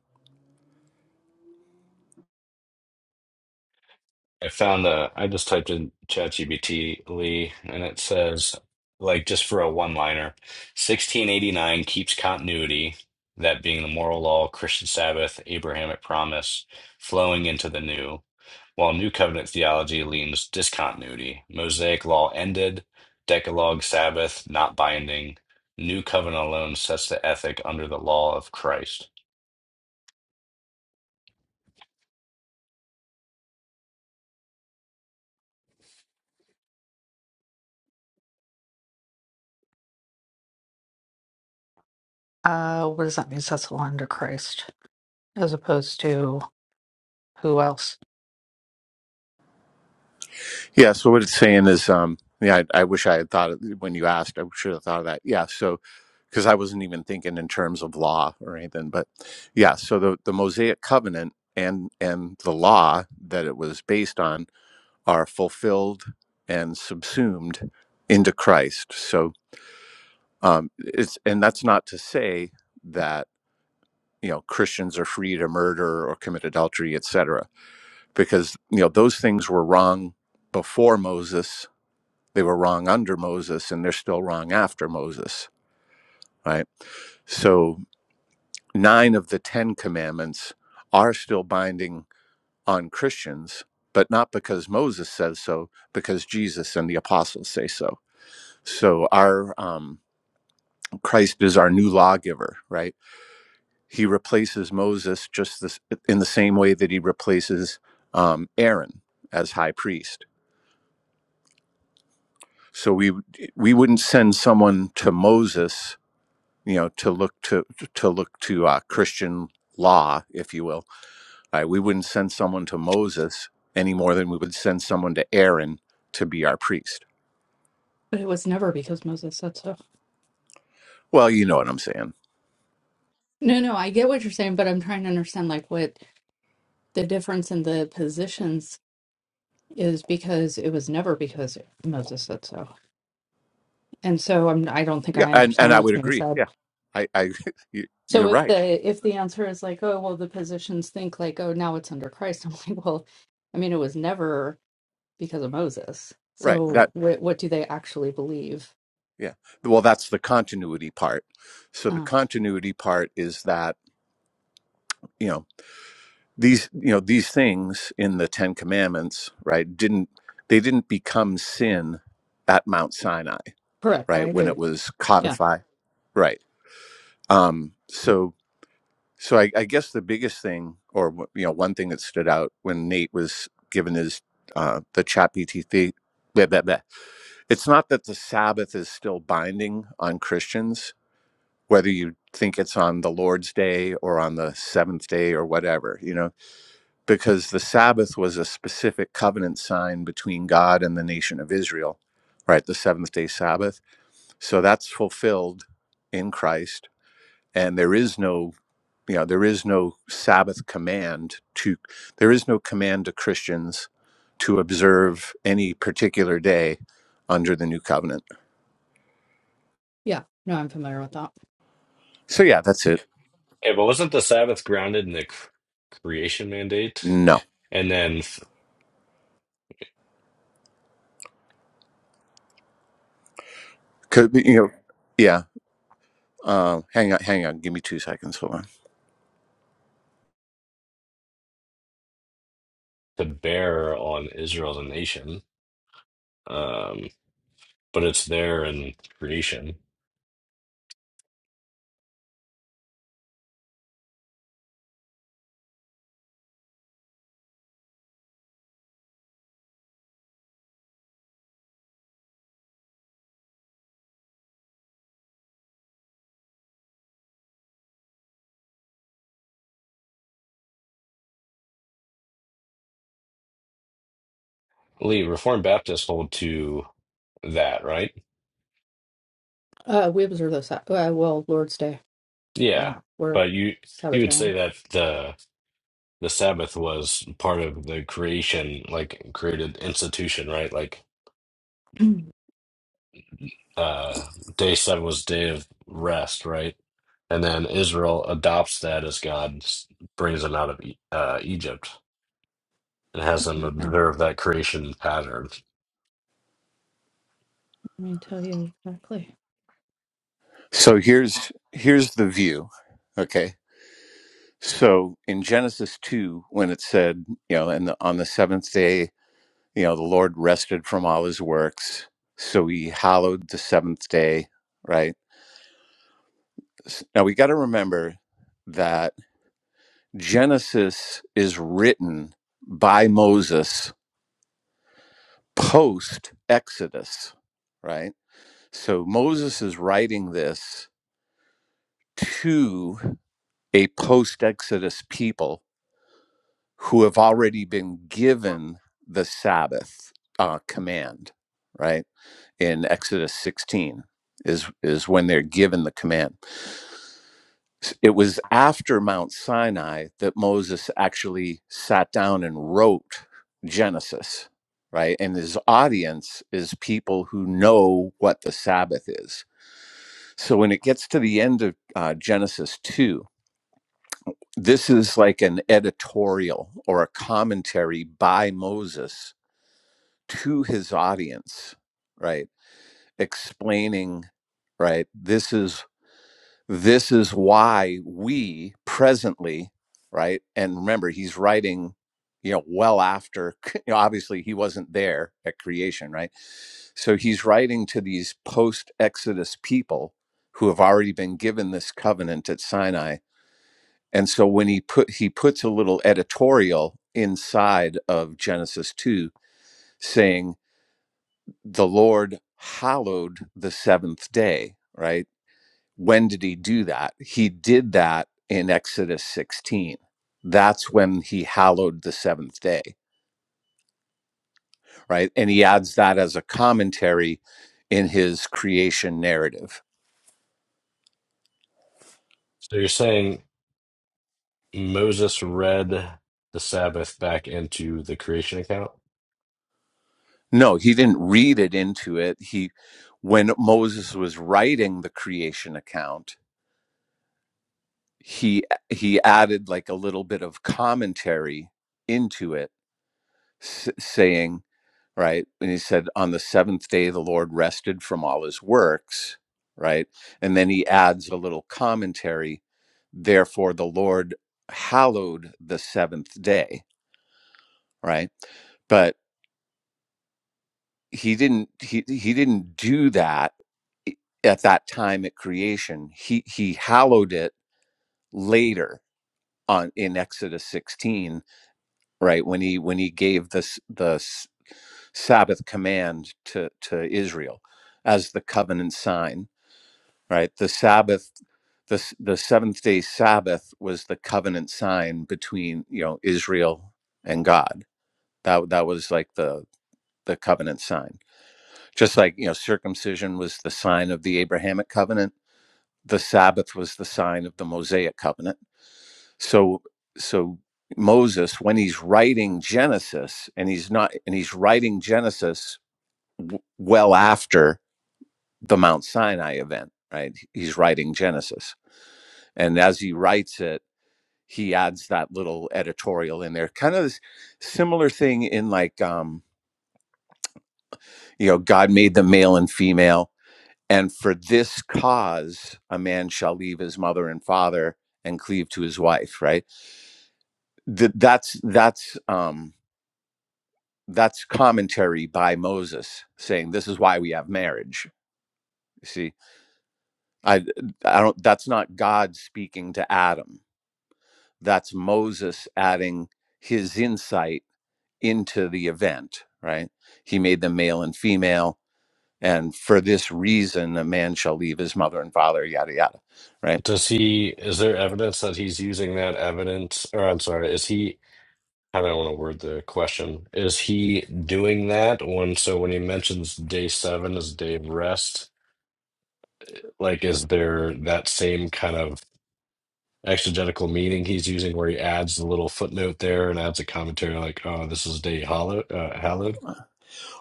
A: I found a, I just typed in ChatGPT Lee, and it says, like, just for a one-liner, 1689 keeps continuity, that being the moral law, Christian Sabbath, Abrahamic promise, flowing into the new, while New Covenant theology leans discontinuity, Mosaic law ended, Decalogue Sabbath not binding, New Covenant alone sets the ethic under the law of Christ.
D: uh, what does that mean? That's all under Christ, as opposed to who else?
E: Yeah. So what it's saying is, um, yeah, I, I wish I had thought of, when you asked, I should have thought of that. Yeah. So because I wasn't even thinking in terms of law or anything, but yeah. So the the Mosaic covenant and and the law that it was based on are fulfilled and subsumed into Christ. So um, it's and that's not to say that you know Christians are free to murder or commit adultery, etc. Because you know those things were wrong before Moses they were wrong under Moses and they're still wrong after Moses, right? So, nine of the 10 commandments are still binding on Christians, but not because Moses says so, because Jesus and the apostles say so. So, our um, Christ is our new lawgiver, right? He replaces Moses just this, in the same way that he replaces um, Aaron as high priest. So we we wouldn't send someone to Moses you know to look to to look to uh, Christian law, if you will. Uh, we wouldn't send someone to Moses any more than we would send someone to Aaron to be our priest.
D: But it was never because Moses said so.
E: Well, you know what I'm saying.
D: No, no, I get what you're saying, but I'm trying to understand like what the difference in the positions is because it was never because Moses said so. And so I'm, I don't think
E: Yeah,
D: I
E: and and
D: understand
E: I
D: what's
E: would
D: being
E: agree.
D: said.
E: Yeah, I, I you- you're
D: So if
E: right.
D: the if the answer is like, oh, well, the positions think like, oh, now it's under Christ, I'm like, well, I mean, it was never because of Moses.
E: Right.
D: So
E: That
D: what what do they actually believe?
E: yeah. Well, that's the continuity part. So the
D: Uh,
E: continuity part is that you know these you know these things in the Ten Commandments, right? Didn't they didn't become sin at Mount Sinai?
D: correct, I
E: right when
D: agree.
E: it was
D: Yeah,
E: codified right um so so I, I guess the biggest thing or you know one thing that stood out when nate was given his uh the chat btc blah, blah, blah. it's not that the sabbath is still binding on christians whether you think it's on the lord's day or on the seventh day or whatever you know because the sabbath was a specific covenant sign between god and the nation of israel right the seventh day sabbath so that's fulfilled in christ and there is no you know there is no sabbath command to there is no command to christians to observe any particular day under the new covenant
D: yeah. No, I'm familiar with that.
E: so yeah that's it
A: Okay, but wasn't the Sabbath grounded in the cr- creation mandate?
E: no
A: and then?
E: could be you know yeah uh, hang on hang on give me two seconds hold on
A: to bear on Israel as a nation, um, but it's there in creation. Lee, Reformed Baptists hold to that, right?
D: Uh, we observe those. Uh, uh, well, Lord's Day.
A: Yeah,
D: Yeah, we're
A: but you you would say
D: Sabbatarian.
A: that the the Sabbath was part of the creation, like created institution, right? Like uh, day seven was day of rest, right? And then Israel adopts that as God brings them out of E- uh, Egypt and has them
D: Okay, Let
A: observe that creation pattern.
D: me tell you exactly.
E: so here's here's the view okay so in genesis 2 when it said you know and the, on the seventh day you know the lord rested from all his works so he hallowed the seventh day right Now we got to remember that Genesis is written by Moses post Exodus, right? So Moses is writing this to a post Exodus people who have already been given the Sabbath uh, command, right? In Exodus 16 is is when they're given the command. it was after Mount Sinai that Moses actually sat down and wrote Genesis, right? And his audience is people who know what the Sabbath is. So when it gets to the end of uh, Genesis 2, this is like an editorial or a commentary by Moses to his audience, right? Explaining, right? This is This is why we presently, right? And remember, he's writing, you know, well after, you know, obviously he wasn't there at creation, right? So he's writing to these post Exodus people who have already been given this covenant at Sinai. And so when he put he puts a little editorial inside of Genesis 2 saying the Lord hallowed the seventh day, right? when did he do that? He did that in Exodus 16. That's when he hallowed the seventh day, right? And he adds that as a commentary in his creation narrative.
A: So you're saying Moses read the Sabbath back into the creation account?
E: No, he didn't read it into it. He when Moses was writing the creation account, he he added like a little bit of commentary into it s- saying right? And he said, On the seventh day, the Lord rested from all his works, right? And then he adds a little commentary, therefore, the Lord hallowed the seventh day, right? But he didn't he, he didn't do that at that time at creation. He he hallowed it later on in Exodus 16, right? When he when he gave this the s- Sabbath command to to Israel as the covenant sign right the sabbath the, the seventh day sabbath was the covenant sign between you know israel and god that that was like the the covenant sign just like you know circumcision was the sign of the abrahamic covenant the sabbath was the sign of the mosaic covenant so so moses when he's writing genesis and he's not and he's writing genesis w- well after the mount sinai event right he's writing genesis and as he writes it he adds that little editorial in there. Kind of this similar thing in like, um, you know, God made them male and female. And for this cause, a man shall leave his mother and father and cleave to his wife, right? Th- that's, that's, um, that's commentary by Moses saying, this is why we have marriage. You see, I, I don't, that's not God speaking to Adam. That's Moses adding his insight into the event, right? He made them male and female. And for this reason, a man shall leave his mother and father, yada, yada, right?
A: Does he, is there evidence that he's using that evidence? Or I'm sorry, is he, how do I want to word the question? Is he doing that when, so when he mentions day seven as a day of rest, like is there that same kind of exegetical meaning he's using where he adds the little footnote there and adds a commentary like, oh, this is day hollow, uh, hallowed.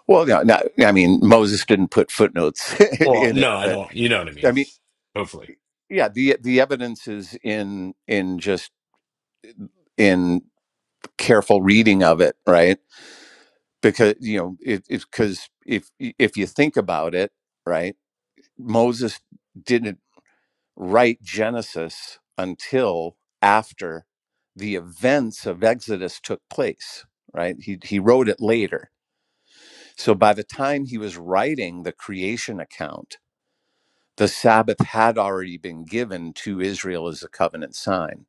E: Well, no, no, I mean, Moses didn't put footnotes
A: Well,
E: in it,
A: no, I
E: but
A: don't. You know what I mean.
E: I mean,
A: Hopefully.
E: yeah, the, the evidence is in, in just in careful reading of it, right? Because, you know, it, it's because if, if you think about it, right, Moses didn't. write Genesis until after the events of Exodus took place, right? He, he wrote it later. So by the time he was writing the creation account, the Sabbath had already been given to Israel as a covenant sign.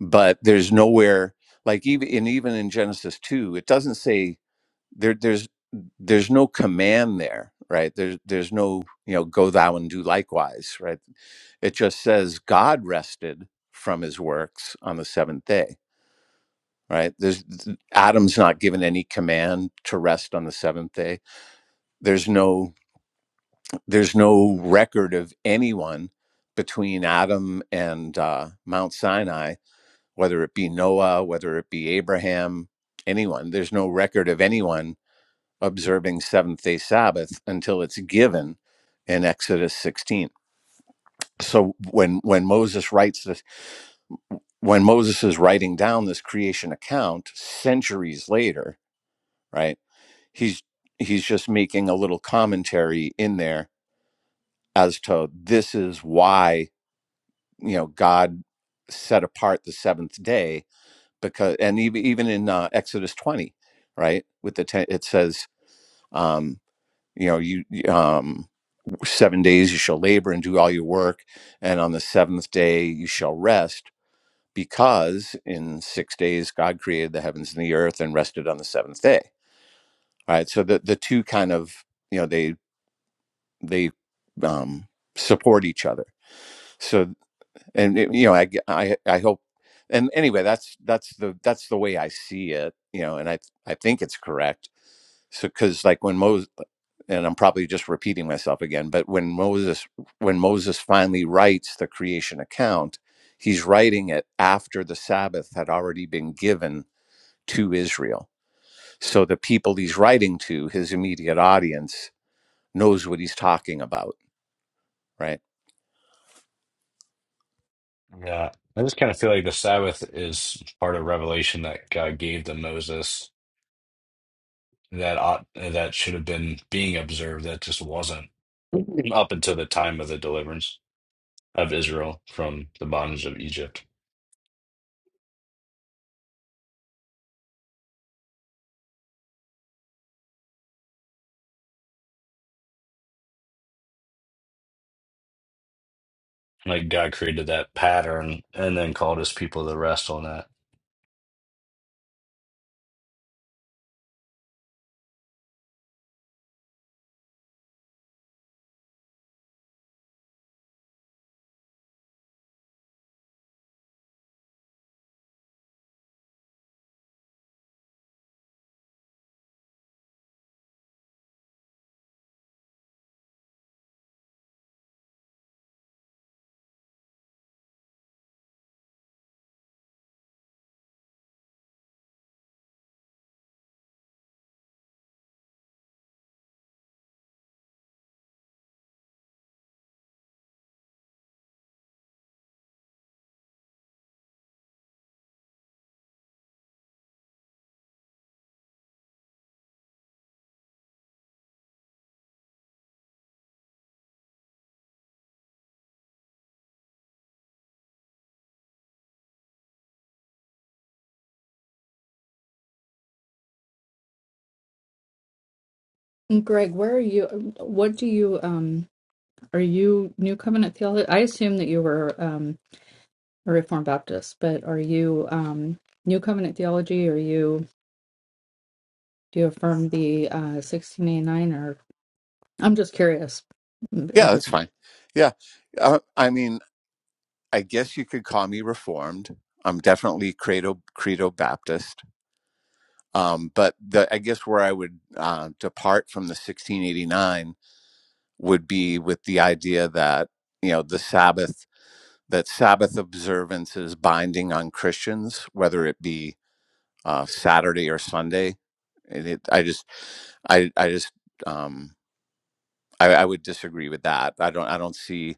E: But there's nowhere, like even in even in Genesis 2, it doesn't say there, there's there's no command there, right? There's there's no, you know, go thou and do likewise, right? It just says God rested from his works on the seventh day, right? There's Adam's not given any command to rest on the seventh day. There's no there's no record of anyone between Adam and uh, Mount Sinai, whether it be Noah, whether it be Abraham, anyone. There's no record of anyone observing seventh day Sabbath until it's given in Exodus 16. So when when Moses writes this when Moses is writing down this creation account centuries later, right? He's he's just making a little commentary in there as to this is why you know God set apart the seventh day because and even even in uh, Exodus twenty, right? With the ten, it says. Um, you know, you um, seven days you shall labor and do all your work, and on the seventh day you shall rest because in six days God created the heavens and the earth and rested on the seventh day. All right, so the the two kind of you know they they um, support each other. So and it- you know I, I I hope and anyway that's that's the that's the way I see it. You know, and I I think it's correct. So because like when Moses and I'm probably just repeating myself again, but when Moses when Moses finally writes the creation account, he's writing it after the Sabbath had already been given to Israel. So the people he's writing to, his immediate audience, knows what he's talking about, right?
A: Yeah. I just kind of feel like the Sabbath is part of revelation that God gave to Moses that ought, that should have been being observed that just wasn't up until the time of the deliverance of Israel from the bondage of Egypt. Like God created that pattern and then called his people to rest on that.
D: And Greg, where are you? um, What do you um? Are you New Covenant theology? I assume that you were. um. a Reformed Baptist, but are you um, New Covenant theology? Are you do you affirm the uh, 1689? Or I'm just curious. Mm,
E: Yeah,
D: It
E: that's
D: doesn't.
E: fine. Yeah. Uh, I mean, I guess you could call me reformed. I'm definitely credo credo Baptist. Um, but the, I guess where I would uh, depart from the 1689 would be with the idea that you know the Sabbath that Sabbath observance is binding on Christians, whether it be uh, Saturday or Sunday. And it, I just, I, I just, um, I, I would disagree with that. I don't, I don't see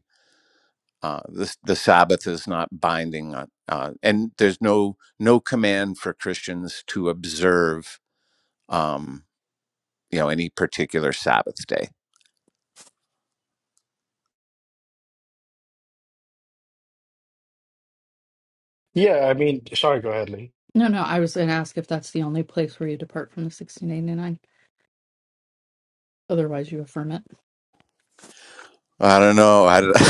E: uh, this. The Sabbath is not binding, on, uh, and there's no no command for Christians to observe, um, you know, any particular Sabbath day.
B: Yeah, I mean, sorry, go ahead, Lee.
D: No, no. I was going to ask if that's the only place where you depart from the 1689. Otherwise, you affirm it.
E: I don't know. I,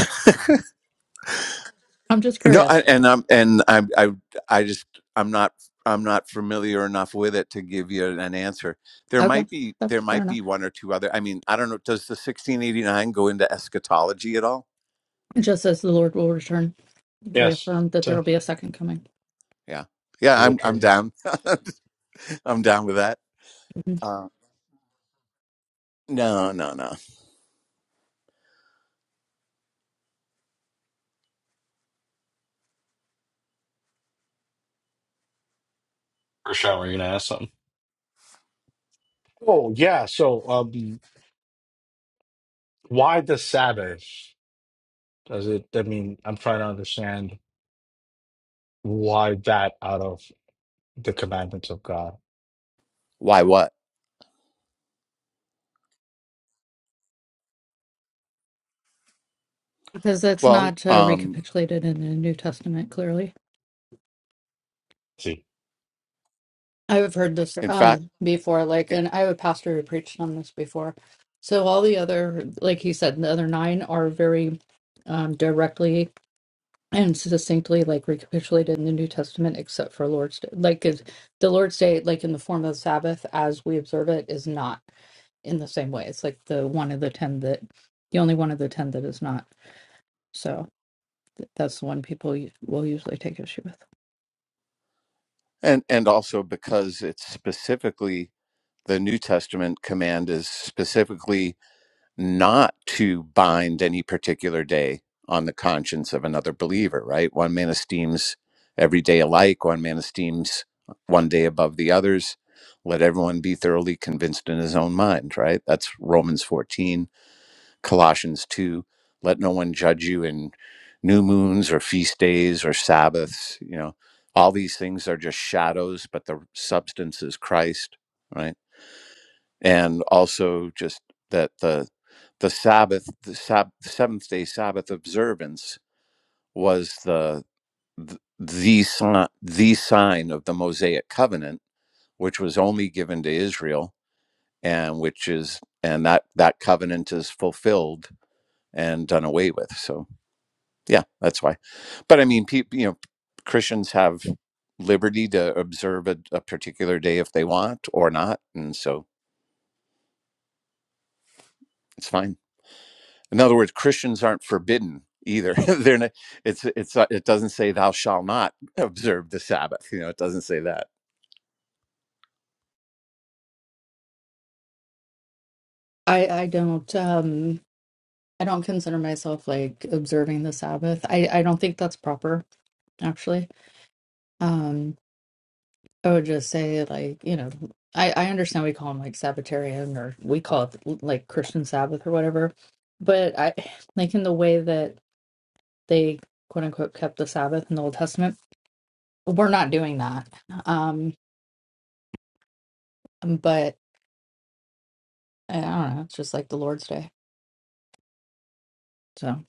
D: I'm just
E: No, I,
D: curious.
E: and I'm and I I I just I'm not I'm not familiar enough with it to give you an answer. There
D: Okay,
E: might be there
D: that's fair
E: might
D: enough.
E: be one or two other. I mean, I don't know. Does the 1689 go into eschatology at all?
D: Just as the Lord will return, we
B: Yes.
D: affirm that there
B: So
D: will be a second coming
E: Yeah, yeah.
B: Your
E: I'm I'm
B: return.
E: down. I'm down with that.
D: Mhm.
E: Uh, no, no, no.
A: Prashant, were you going to ask something?
B: Oh yeah, so um, why the Sabbath? Does it? I mean, I'm trying to understand why that out of the commandments of God.
E: Why? What?
D: because that's
E: Well,
D: not uh,
E: um,
D: recapitulated in the New Testament clearly.
B: see.
D: I've heard this
E: in fact,
D: um before, like,
E: yeah,
D: and I have a pastor who preached on this before. So all the other, like he said, the other nine are very um directly and succinctly like recapitulated in the New Testament, except for Lord's Day. Like is the Lord's Day, like in the form of the Sabbath as we observe it, is not in the same way. It's like the one of the ten that, the only one of the ten that is not. So th- that's the one people u- will usually take issue with.
E: and and also because it's specifically the New Testament command is specifically not to bind any particular day on the conscience of another believer, right? One man esteems every day alike, one man esteems one day above the others. Let everyone be thoroughly convinced in his own mind, right? That's Romans 14, Colossians 2. Let no one judge you in new moons or feast days or Sabbaths. You know, all these things are just shadows, but the substance is Christ, right? and also just that the the Sabbath, the sab- the seventh day Sabbath observance was the th- the sign, the sign of the Mosaic covenant, which was only given to Israel, and which is and that that covenant is fulfilled and done away with. So yeah, that's why. But I mean, people, you know, Christians have liberty to observe a, a particular day if they want or not, and so it's fine. In other words, Christians aren't forbidden either. They're not, it's it's uh, it doesn't say thou shall not observe the Sabbath. You know, it doesn't say that.
D: I I don't. um I don't consider myself like observing the Sabbath. I, I don't think that's proper, actually. Um, I would just say like, you know, I, I understand we call them like Sabbatarian or we call it like Christian Sabbath or whatever. But I like in the way that they quote unquote kept the Sabbath in the Old Testament, we're not doing that. Um, but I I don't know, it's just like the Lord's Day. So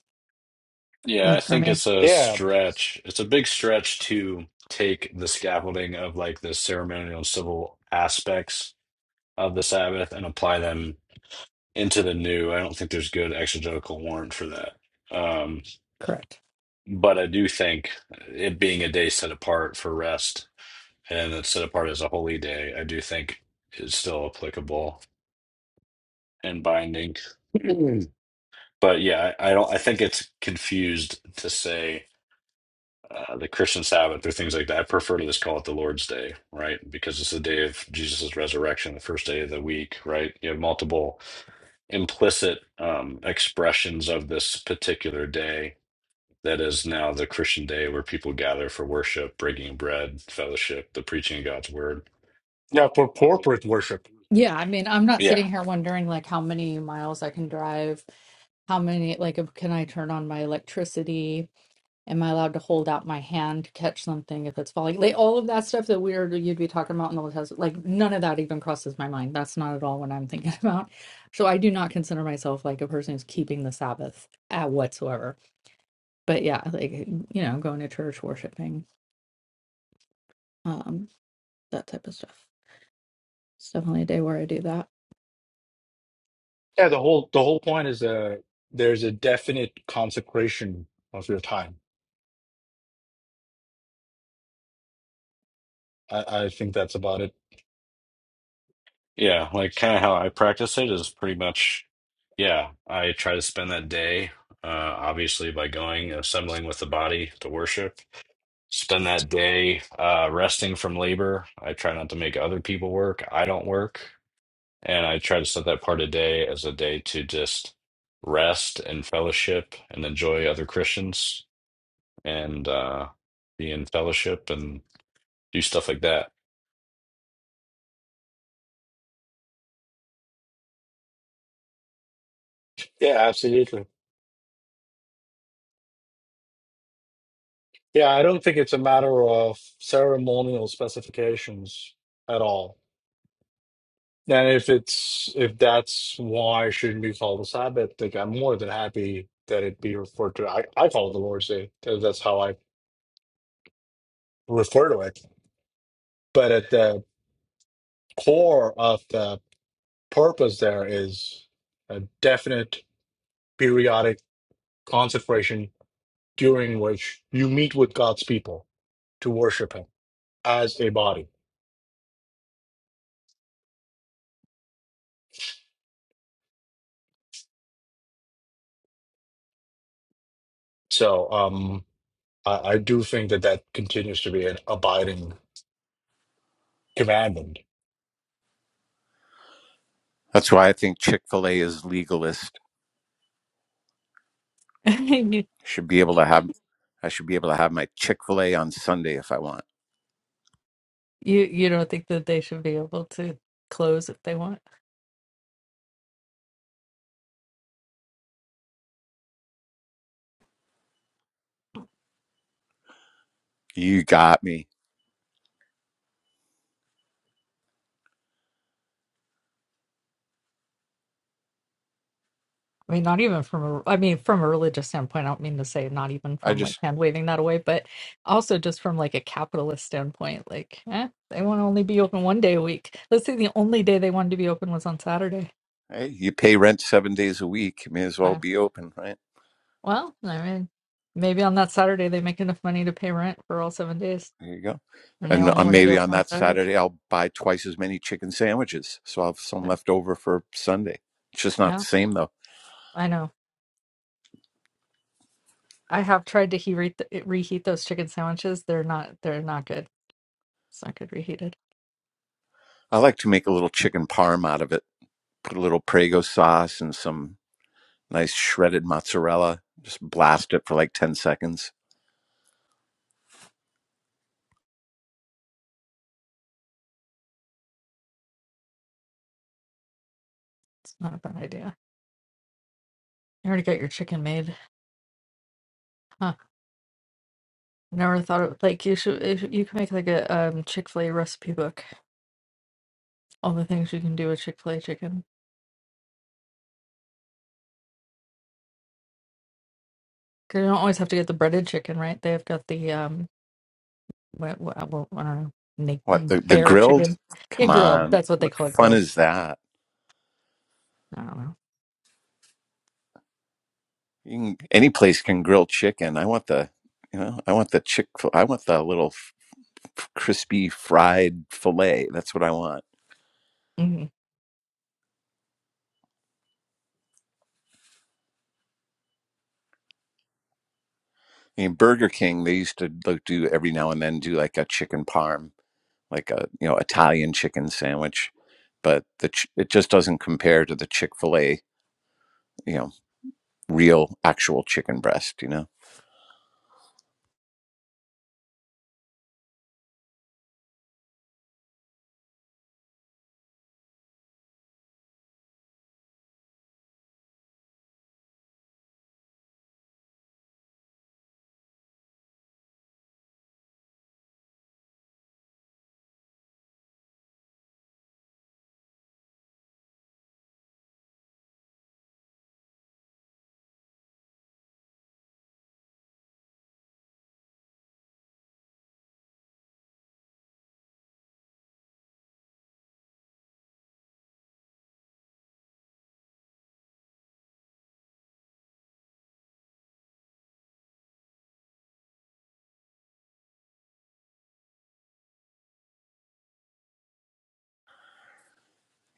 A: Yeah, I
D: like for
A: think
D: me,
A: it's a
B: Yeah,
A: stretch. It's a big stretch to take the scaffolding of like the ceremonial and civil aspects of the Sabbath and apply them into the new. I don't think there's good exegetical warrant for that. Um,
D: correct.
A: but I do think it being a day set apart for rest and it's set apart as a holy day, I do think is still applicable and binding. But yeah, I, I don't, I think it's confused to say uh, the Christian Sabbath or things like that. I prefer to just call it the Lord's Day, right? Because it's the day of Jesus' resurrection, the first day of the week, right? You have multiple implicit um, expressions of this particular day that is now the Christian day where people gather for worship, breaking bread, fellowship, the preaching of God's word.
B: yeah, for corporate worship.
D: Yeah, I mean, I'm not
A: Yeah.
D: sitting here wondering like how many miles I can drive, how many like if, can I turn on my electricity? Am I allowed to hold out my hand to catch something if it's falling? Like all of that stuff that we're you'd be talking about in the test, like none of that even crosses my mind. That's not at all what I'm thinking about. So I do not consider myself like a person who's keeping the Sabbath at whatsoever. But yeah, like you know, going to church, worshiping, um, that type of stuff. It's definitely a day where I do
B: Yeah, the whole the whole point is uh there's a definite consecration of your time. I, I think that's about it.
A: Yeah. Like kind of how I practice it is pretty much, yeah, I try to spend that day. Uh, obviously, by going assembling with the body to worship, spend that day uh, resting from labor. I try not to make other people work. I don't work. And I try to set that part of the day as a day to just rest and fellowship and enjoy other Christians and uh, be in fellowship and do stuff like that.
B: Yeah, absolutely. Yeah, I don't think it's a matter of ceremonial specifications at all. And if it's if that's why it shouldn't be called a Sabbath, like I'm more than happy that it be referred to. I, I call it the Lord's Day. That- That's how I refer to it. But at the core of the purpose there is a definite periodic consecration during which you meet with God's people to worship Him as a body. So um, I, I do think that that continues to be an abiding commandment.
E: That's why I think Chick Fil A is legalist.
D: that.
E: Should be able to have I should be able to have my Chick Fil A on Sunday if I want.
D: You you don't think that they should be able to close if they want?
E: You got me.
D: I mean, not even from a I mean from a religious standpoint. I don't mean to say not even
E: I
D: from like
E: just
D: hand waving that away, but also just from like a capitalist standpoint. Like, eh, they want to only be open one day a week. Let's say the only day they wanted to be open was on Saturday.
E: Hey, you pay rent seven days a week. You may as well
D: Uh,
E: be open, right?
D: well, I mean, maybe on that Saturday they make enough money to pay rent for all seven days,
E: There you go.
D: and they
E: And
D: only
E: uh,
D: want to be
E: maybe on
D: open on
E: that
D: Saturday.
E: Saturday, I'll buy twice as many chicken sandwiches. So I'll have some
D: So,
E: left over for Sunday. It's just not the
D: yeah,
E: same, though.
D: I know. I have tried to heat reheat those chicken sandwiches. They're not. They're not good. It's not good reheated.
E: I like to make a little chicken parm out of it. Put a little Prego sauce and some nice shredded mozzarella. Just blast it for like 10 seconds.
D: It's not a bad idea. You already got your chicken made. Huh. Never thought of like you should if you can make like a um Chick-fil-A recipe book. All the things you can do with Chick-fil-A chicken. 'Cause you don't always have to get the breaded chicken, right? They've got the um what, what, well, I don't know,
E: What,
D: naked
E: the, the
D: bear
E: grilled?
D: chicken. Yeah,
E: Come
D: grilled.
E: on.
D: That's what they
E: What
D: call it,
E: fun
D: grilled.
E: is that?
D: I don't know.
E: You can, any place can grill chicken. I want the, you know, I want the chick, I want the little crispy fried fillet. That's what I want.
D: hmm
E: I mean, Burger King, they used to like, do every now and then do like a chicken parm, like a you know Italian chicken sandwich, but the ch- it just doesn't compare to the Chick Fil A, you know, real actual chicken breast. You know,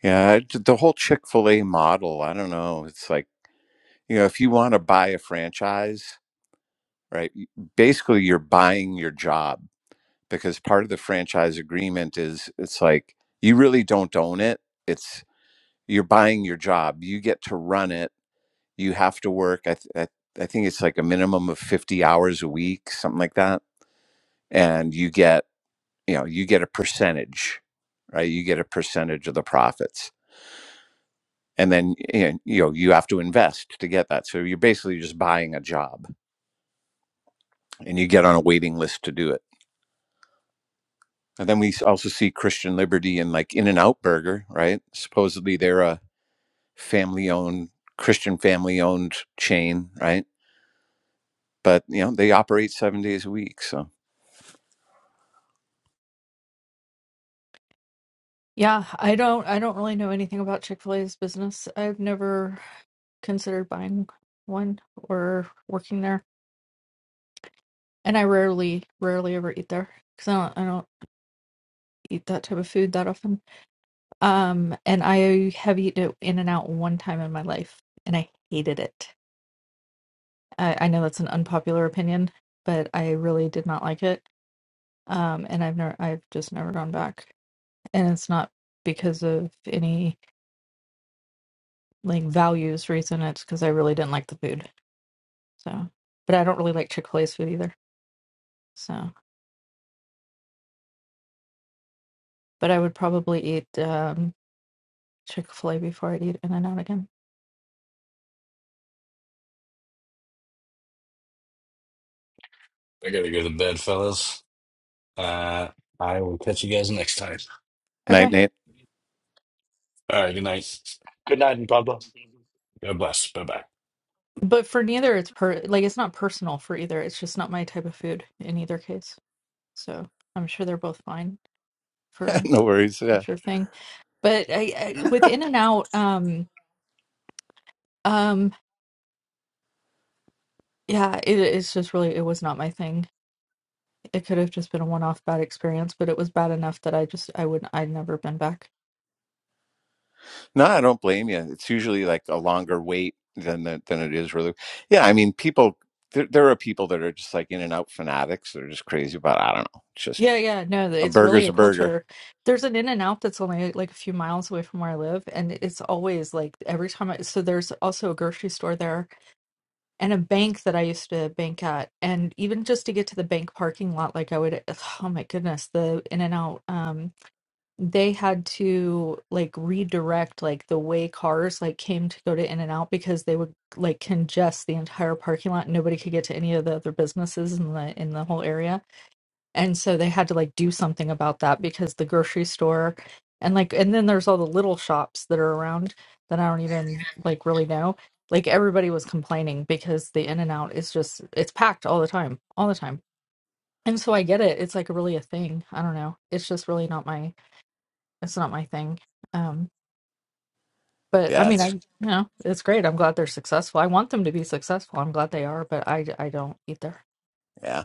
E: Yeah, I- the whole Chick fil A model, I don't know. It's like, you know, if you want to buy a franchise, right, y- basically you're buying your job because part of the franchise agreement is it's like you really don't own it. It's you're buying your job. You get to run it. You have to work. I, th- I, I think it's like a minimum of 50 hours a week, something like that. And you get, you know, you get a percentage, right? You get a percentage of the profits and then you know you have to invest to get that so you're basically just buying a job and you get on a waiting list to do it and then we also see christian liberty and like in and out burger right supposedly they're a family owned christian family owned chain right but you know they operate seven days a week so
D: Yeah, I don't I don't really know anything about Chick-fil-A's business. I've never considered buying one or working there. and I rarely, rarely ever eat there because I don't, I don't eat that type of food that often. Um, and I have eaten it in and out one time in my life, and I hated it. I, I know that's an unpopular opinion, but I really did not like it. Um, and I've never, I've just never gone back. And it's not because of any like values reason. It's because I really didn't like the food. So, but I don't really like Chick Fil A's food either. So, but I would probably eat um, Chick Fil A before I eat In n Out again.
A: I gotta go to bed, fellas. Uh, I will catch you guys next time.
E: night
D: Okay.
E: night
A: All right, good night.
B: Good night and God bless.
A: God bless. Bye bye.
D: But for neither, it's per like it's not personal for either. It's just not my type of food in either case. So I'm sure they're both fine for
E: no worries
D: a
E: yeah
D: sure thing. But I, I with In and Out, um, um, yeah, it is just really it was not my thing. It could have just been a one-off bad experience, but it was bad enough that I just I would I'd never been back.
E: no i don't blame you it's usually like a longer wait than the, than it is really yeah i mean people there, there are people that are just like in and out fanatics they're just crazy about i don't know just.
D: Yeah, yeah, no, th-
E: A
D: it's really
E: burger's
D: a
E: a burger.
D: culture. There's an In and Out that's only like a few miles away from where I live, and it's always like every time I so there's also a grocery store there and a bank that I used to bank at. And even just to get to the bank parking lot, like I would, oh my goodness, the in and out, um, they had to like redirect like the way cars like came to go to in and out because they would like congest the entire parking lot. Nobody could get to any of the other businesses in the in the whole area and so they had to like do something about that because the grocery store and like and then there's all the little shops that are around that I don't even like really know. Like everybody was complaining because the in and out is just it's packed all the time, all the time. And so I get it. It's like really a thing. I don't know. It's just really not my it's not my thing. Um but I
E: Yeah,
D: mean I
E: it's
D: you know, it's great. I'm glad they're successful. I want them to be successful. I'm glad they are, but I I don't either.
E: yeah,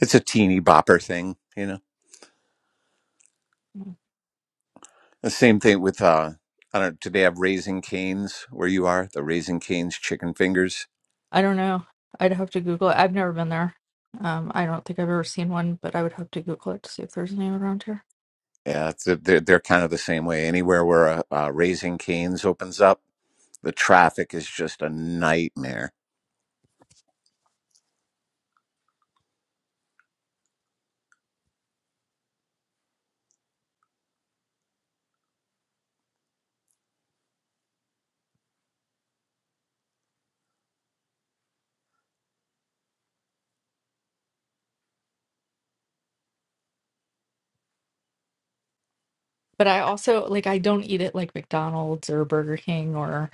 E: it's a teeny bopper thing, you know. The same thing with uh, I don't. Do they have raising canes where you are? The raising canes chicken fingers.
D: I don't know. I'd have to Google it. I've never been there. Um, I don't think I've ever seen one, but I would have to Google it to see if there's any around here.
E: Yeah, it's, they're they're kind of the same way. Anywhere where a, uh raising canes opens up, the traffic is just a nightmare.
D: But I also like I don't eat it like McDonald's or Burger King or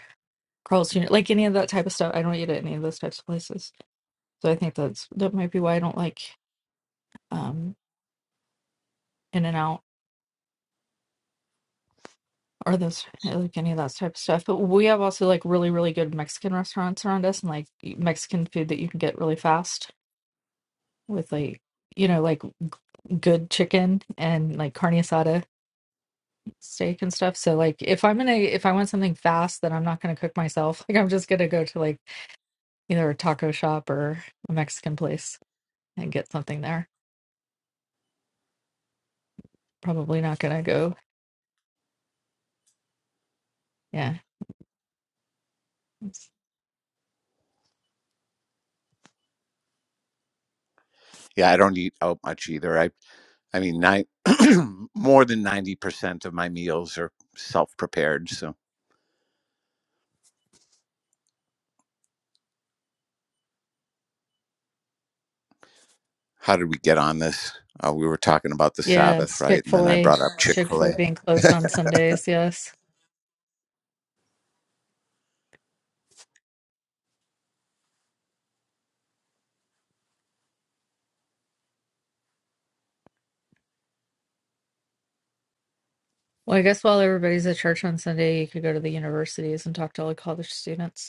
D: Carl's Jr. like any of that type of stuff. I don't eat it at any of those types of places. So I think that's that might be why I don't like um In and Out or those like any of that type of stuff. But we have also like really, really good Mexican restaurants around us and like e, Mexican food that you can get really fast with like you know like good chicken and like carne asada steak and stuff. So like if I'm gonna if I want something fast, then I'm not gonna cook myself. Like I'm just gonna go to like either a taco shop or a Mexican place and get something there. Probably not gonna go. Yeah. It's-
E: Yeah, I don't eat out much either. I I mean, nine more than ninety percent of my meals are self prepared. so. how did we get on this? Uh, we were talking about the
D: Yeah,
E: Sabbath,
D: it's
E: right? And then I
D: Chick-fil-A.
E: brought up Chick fil A.
D: Chick-fil-A being closed on Sundays, yes. Well, I guess while everybody's at church on Sunday, you could go to the universities and talk to all the college students.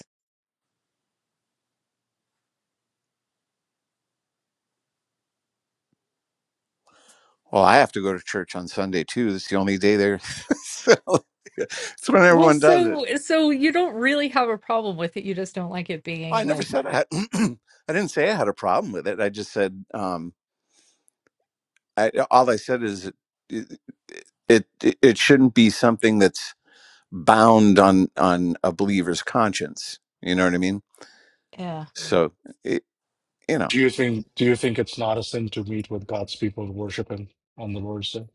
E: Well, I have to go to church on Sunday too. It's the only day there. so it's when
D: Well,
E: everyone does it.
D: so so you don't really have a problem with it. You just don't like it being
E: I never
D: like,
E: said I had, I didn't say I had a problem with it. I just said, um, I, all I said is it, it, it it shouldn't be something that's bound on, on a believer's conscience. You know what I mean?
D: yeah,
E: So, it, you know,
B: Do you think Do you think it's not a sin to meet with God's people to worship Him on the Lord's Day?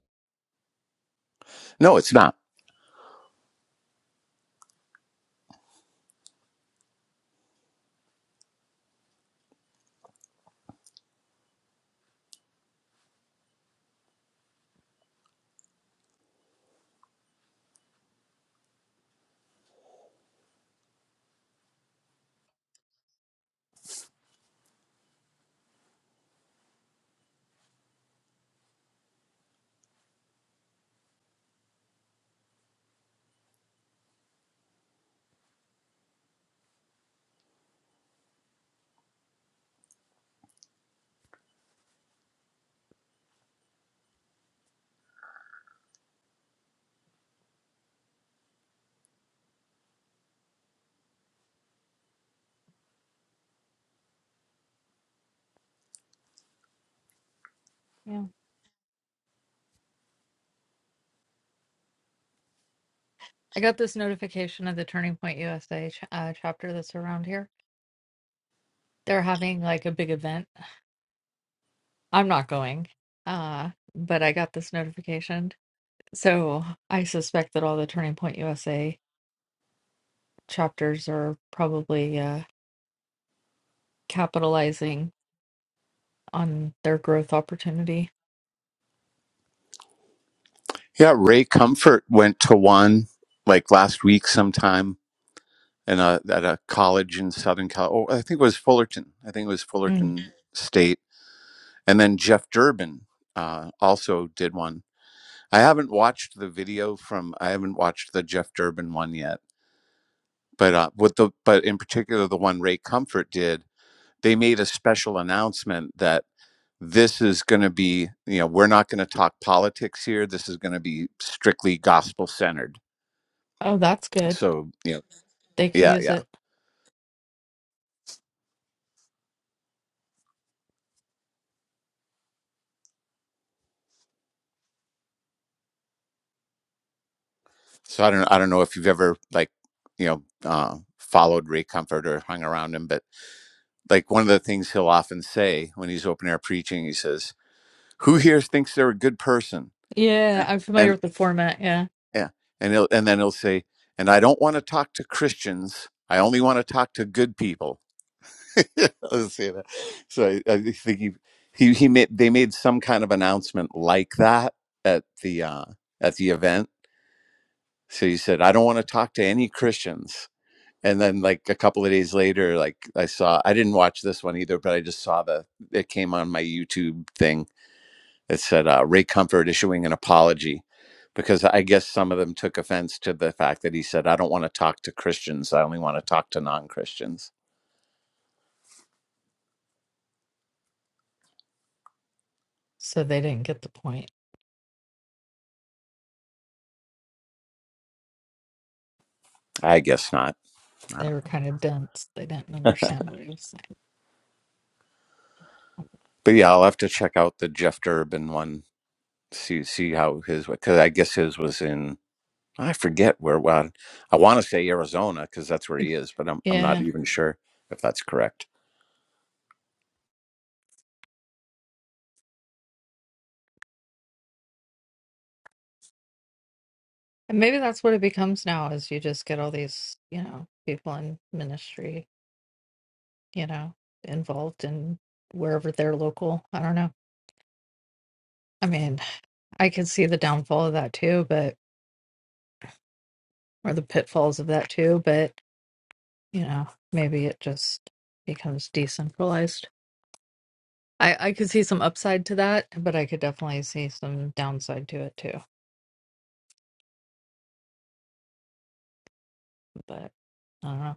E: no, it's not.
D: yeah. I got this notification of the Turning Point USA ch uh, chapter that's around here. They're having like a big event. I'm not going, uh, but I got this notification. So I suspect that all the Turning Point USA chapters are probably uh, capitalizing on their growth opportunity.
E: Yeah, Ray Comfort went to one like last week sometime in a, at a college in Southern California. Oh, I think it was Fullerton. I think it was
D: Mm.
E: Fullerton State. And then Jeff Durbin uh, also did one. I haven't watched the video from. I haven't watched the Jeff Durbin one yet. But uh, with the but in particular the one Ray Comfort did, they made a special announcement that this is going to be you know we're not going to talk politics here. This is going to be strictly gospel centered
D: Oh, that's good.
E: so you know.
D: They could
E: Yeah,
D: use
E: yeah.
D: it.
E: So I don't I don't know if you've ever like, you know, uh followed Ray Comfort or hung around him, but like one of the things he'll often say when he's open air preaching, he says, Who here thinks they're a good person?
D: Yeah,
E: And
D: I'm familiar
E: and
D: with the format. yeah.
E: yeah, and he'll and then he'll say, and I don't want to talk to Christians. I only want to talk to good people. I'll say that. So I, I think he he he made they made some kind of announcement like that at the uh at the event. So he said, I don't want to talk to any Christians. and then like a couple of days later like i saw i didn't watch this one either but i just saw the it came on my youtube thing that said uh, ray comfort issuing an apology because i guess some of them took offense to the fact that he said i don't want to talk to christians i only want to talk to non-christians
D: So they didn't get the point.
E: i guess not
D: They
E: not
D: were kind of dense. They didn't understand what he was saying.
E: but yeah i'll have to check out the jeff durbin one see see how his because i guess his was in i forget where well, i want to say arizona because that's where he is but I'm, I'm not
D: Yeah. And
E: even sure if that's correct
D: maybe that's what it becomes now is you just get all these, you know, people in ministry, you know, involved in wherever they're local. I don't know. I mean, I could see the downfall of that too, but or the pitfalls of that too, but you know, maybe it just becomes decentralized. I, I could see some upside to that, but I could definitely see some downside to it too. But I don't know.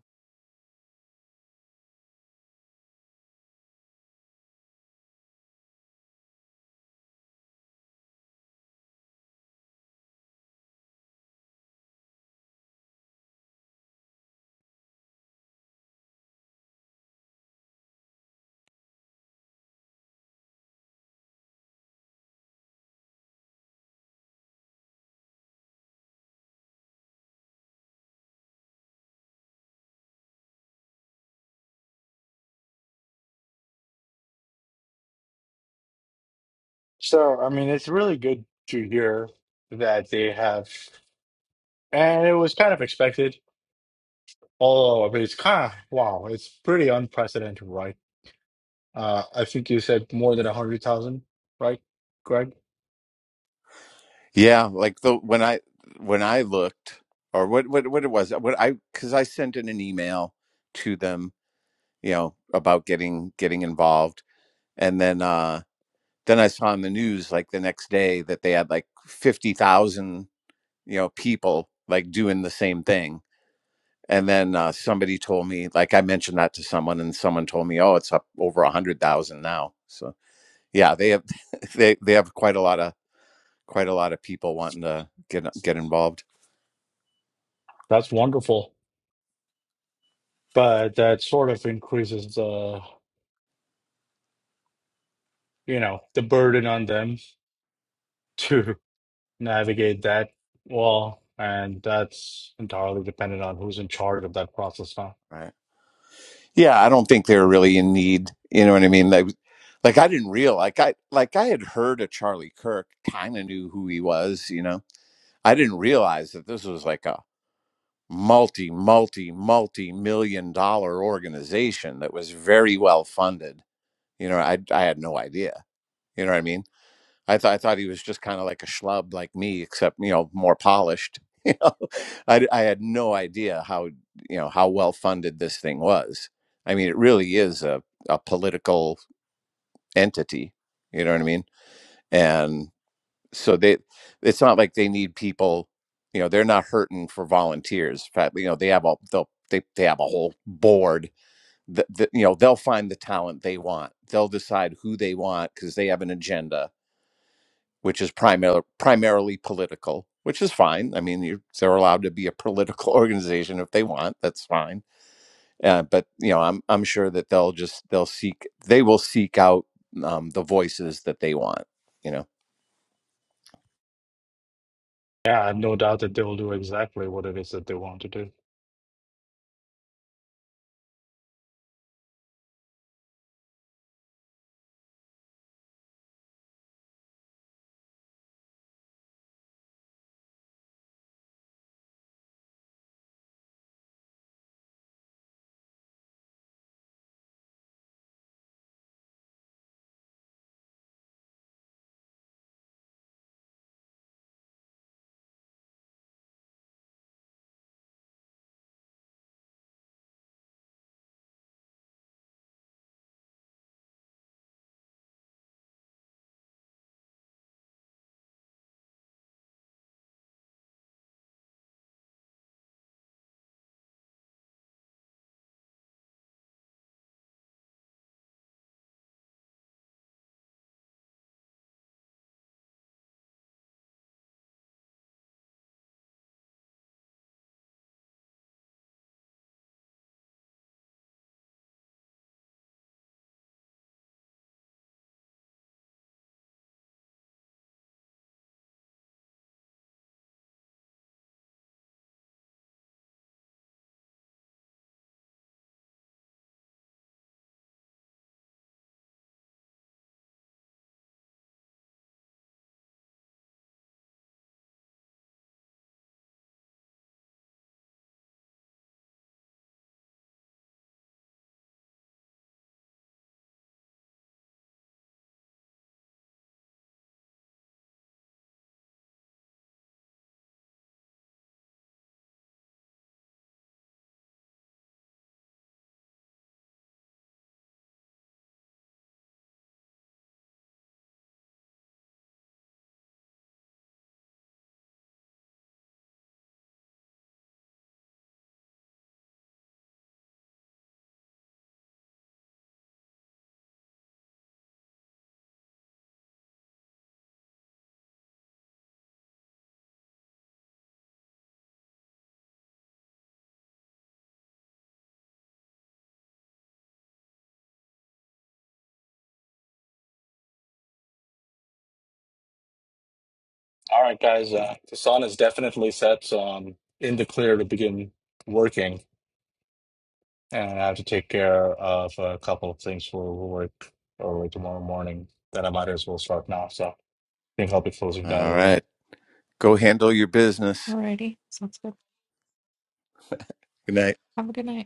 B: So I mean, it's really good to hear that they have, and it was kind of expected. Although I mean, it's kind of wow, it's pretty unprecedented, right? Uh, I think you said more than a hundred thousand, right, Greg?
E: Yeah, like the when I when I looked or what what what it was what I because I sent in an email to them, you know, about getting getting involved, and then uh then I saw in the news like the next day that they had like fifty thousand you know people like doing the same thing, and then uh, somebody told me like I mentioned that to someone, and someone told me, oh, it's up over a hundred thousand now. So yeah, they have they they have quite a lot of quite a lot of people wanting to get get involved.
B: That's wonderful, but that sort of increases the, you know, the burden on them to navigate that wall, and that's entirely dependent on who's in charge of that process now.
E: Right. Yeah, I don't think they were really in need. You know what I mean? Like, like I didn't realize like I like I had heard of Charlie Kirk, kind of knew who he was. You know, I didn't realize that this was like a multi multi multi million dollar organization that was very well funded. You know, I I had no idea. You know what I mean? I thought I thought he was just kind of like a schlub like me, except you know more polished. You know, I I had no idea how you know how well funded this thing was. I mean, it really is a a political entity. You know what I mean? And so they, it's not like they need people. You know, they're not hurting for volunteers. In fact, you know, they have a they'll, they they have a whole board. That, that you know, they'll find the talent they want. They'll decide who they want because they have an agenda which is primar- primarily political, which is fine. I mean, you they're allowed to be a political organization if they want. That's fine. Uh, but you know, I'm I'm sure that they'll just they'll seek they will seek out um, the voices that they want. You know.
B: Yeah, I have no doubt that they will do exactly what it is that they want to do. All right, guys. Uh, the sun is definitely set, so I'm in the clear to begin working, and I have to take care of a couple of things for work early tomorrow morning that I might as well start now. So I think I'll be closing down the
E: All
B: room.
E: right. Go handle your business.
D: Alrighty, sounds good.
E: Good night.
D: Have a good night.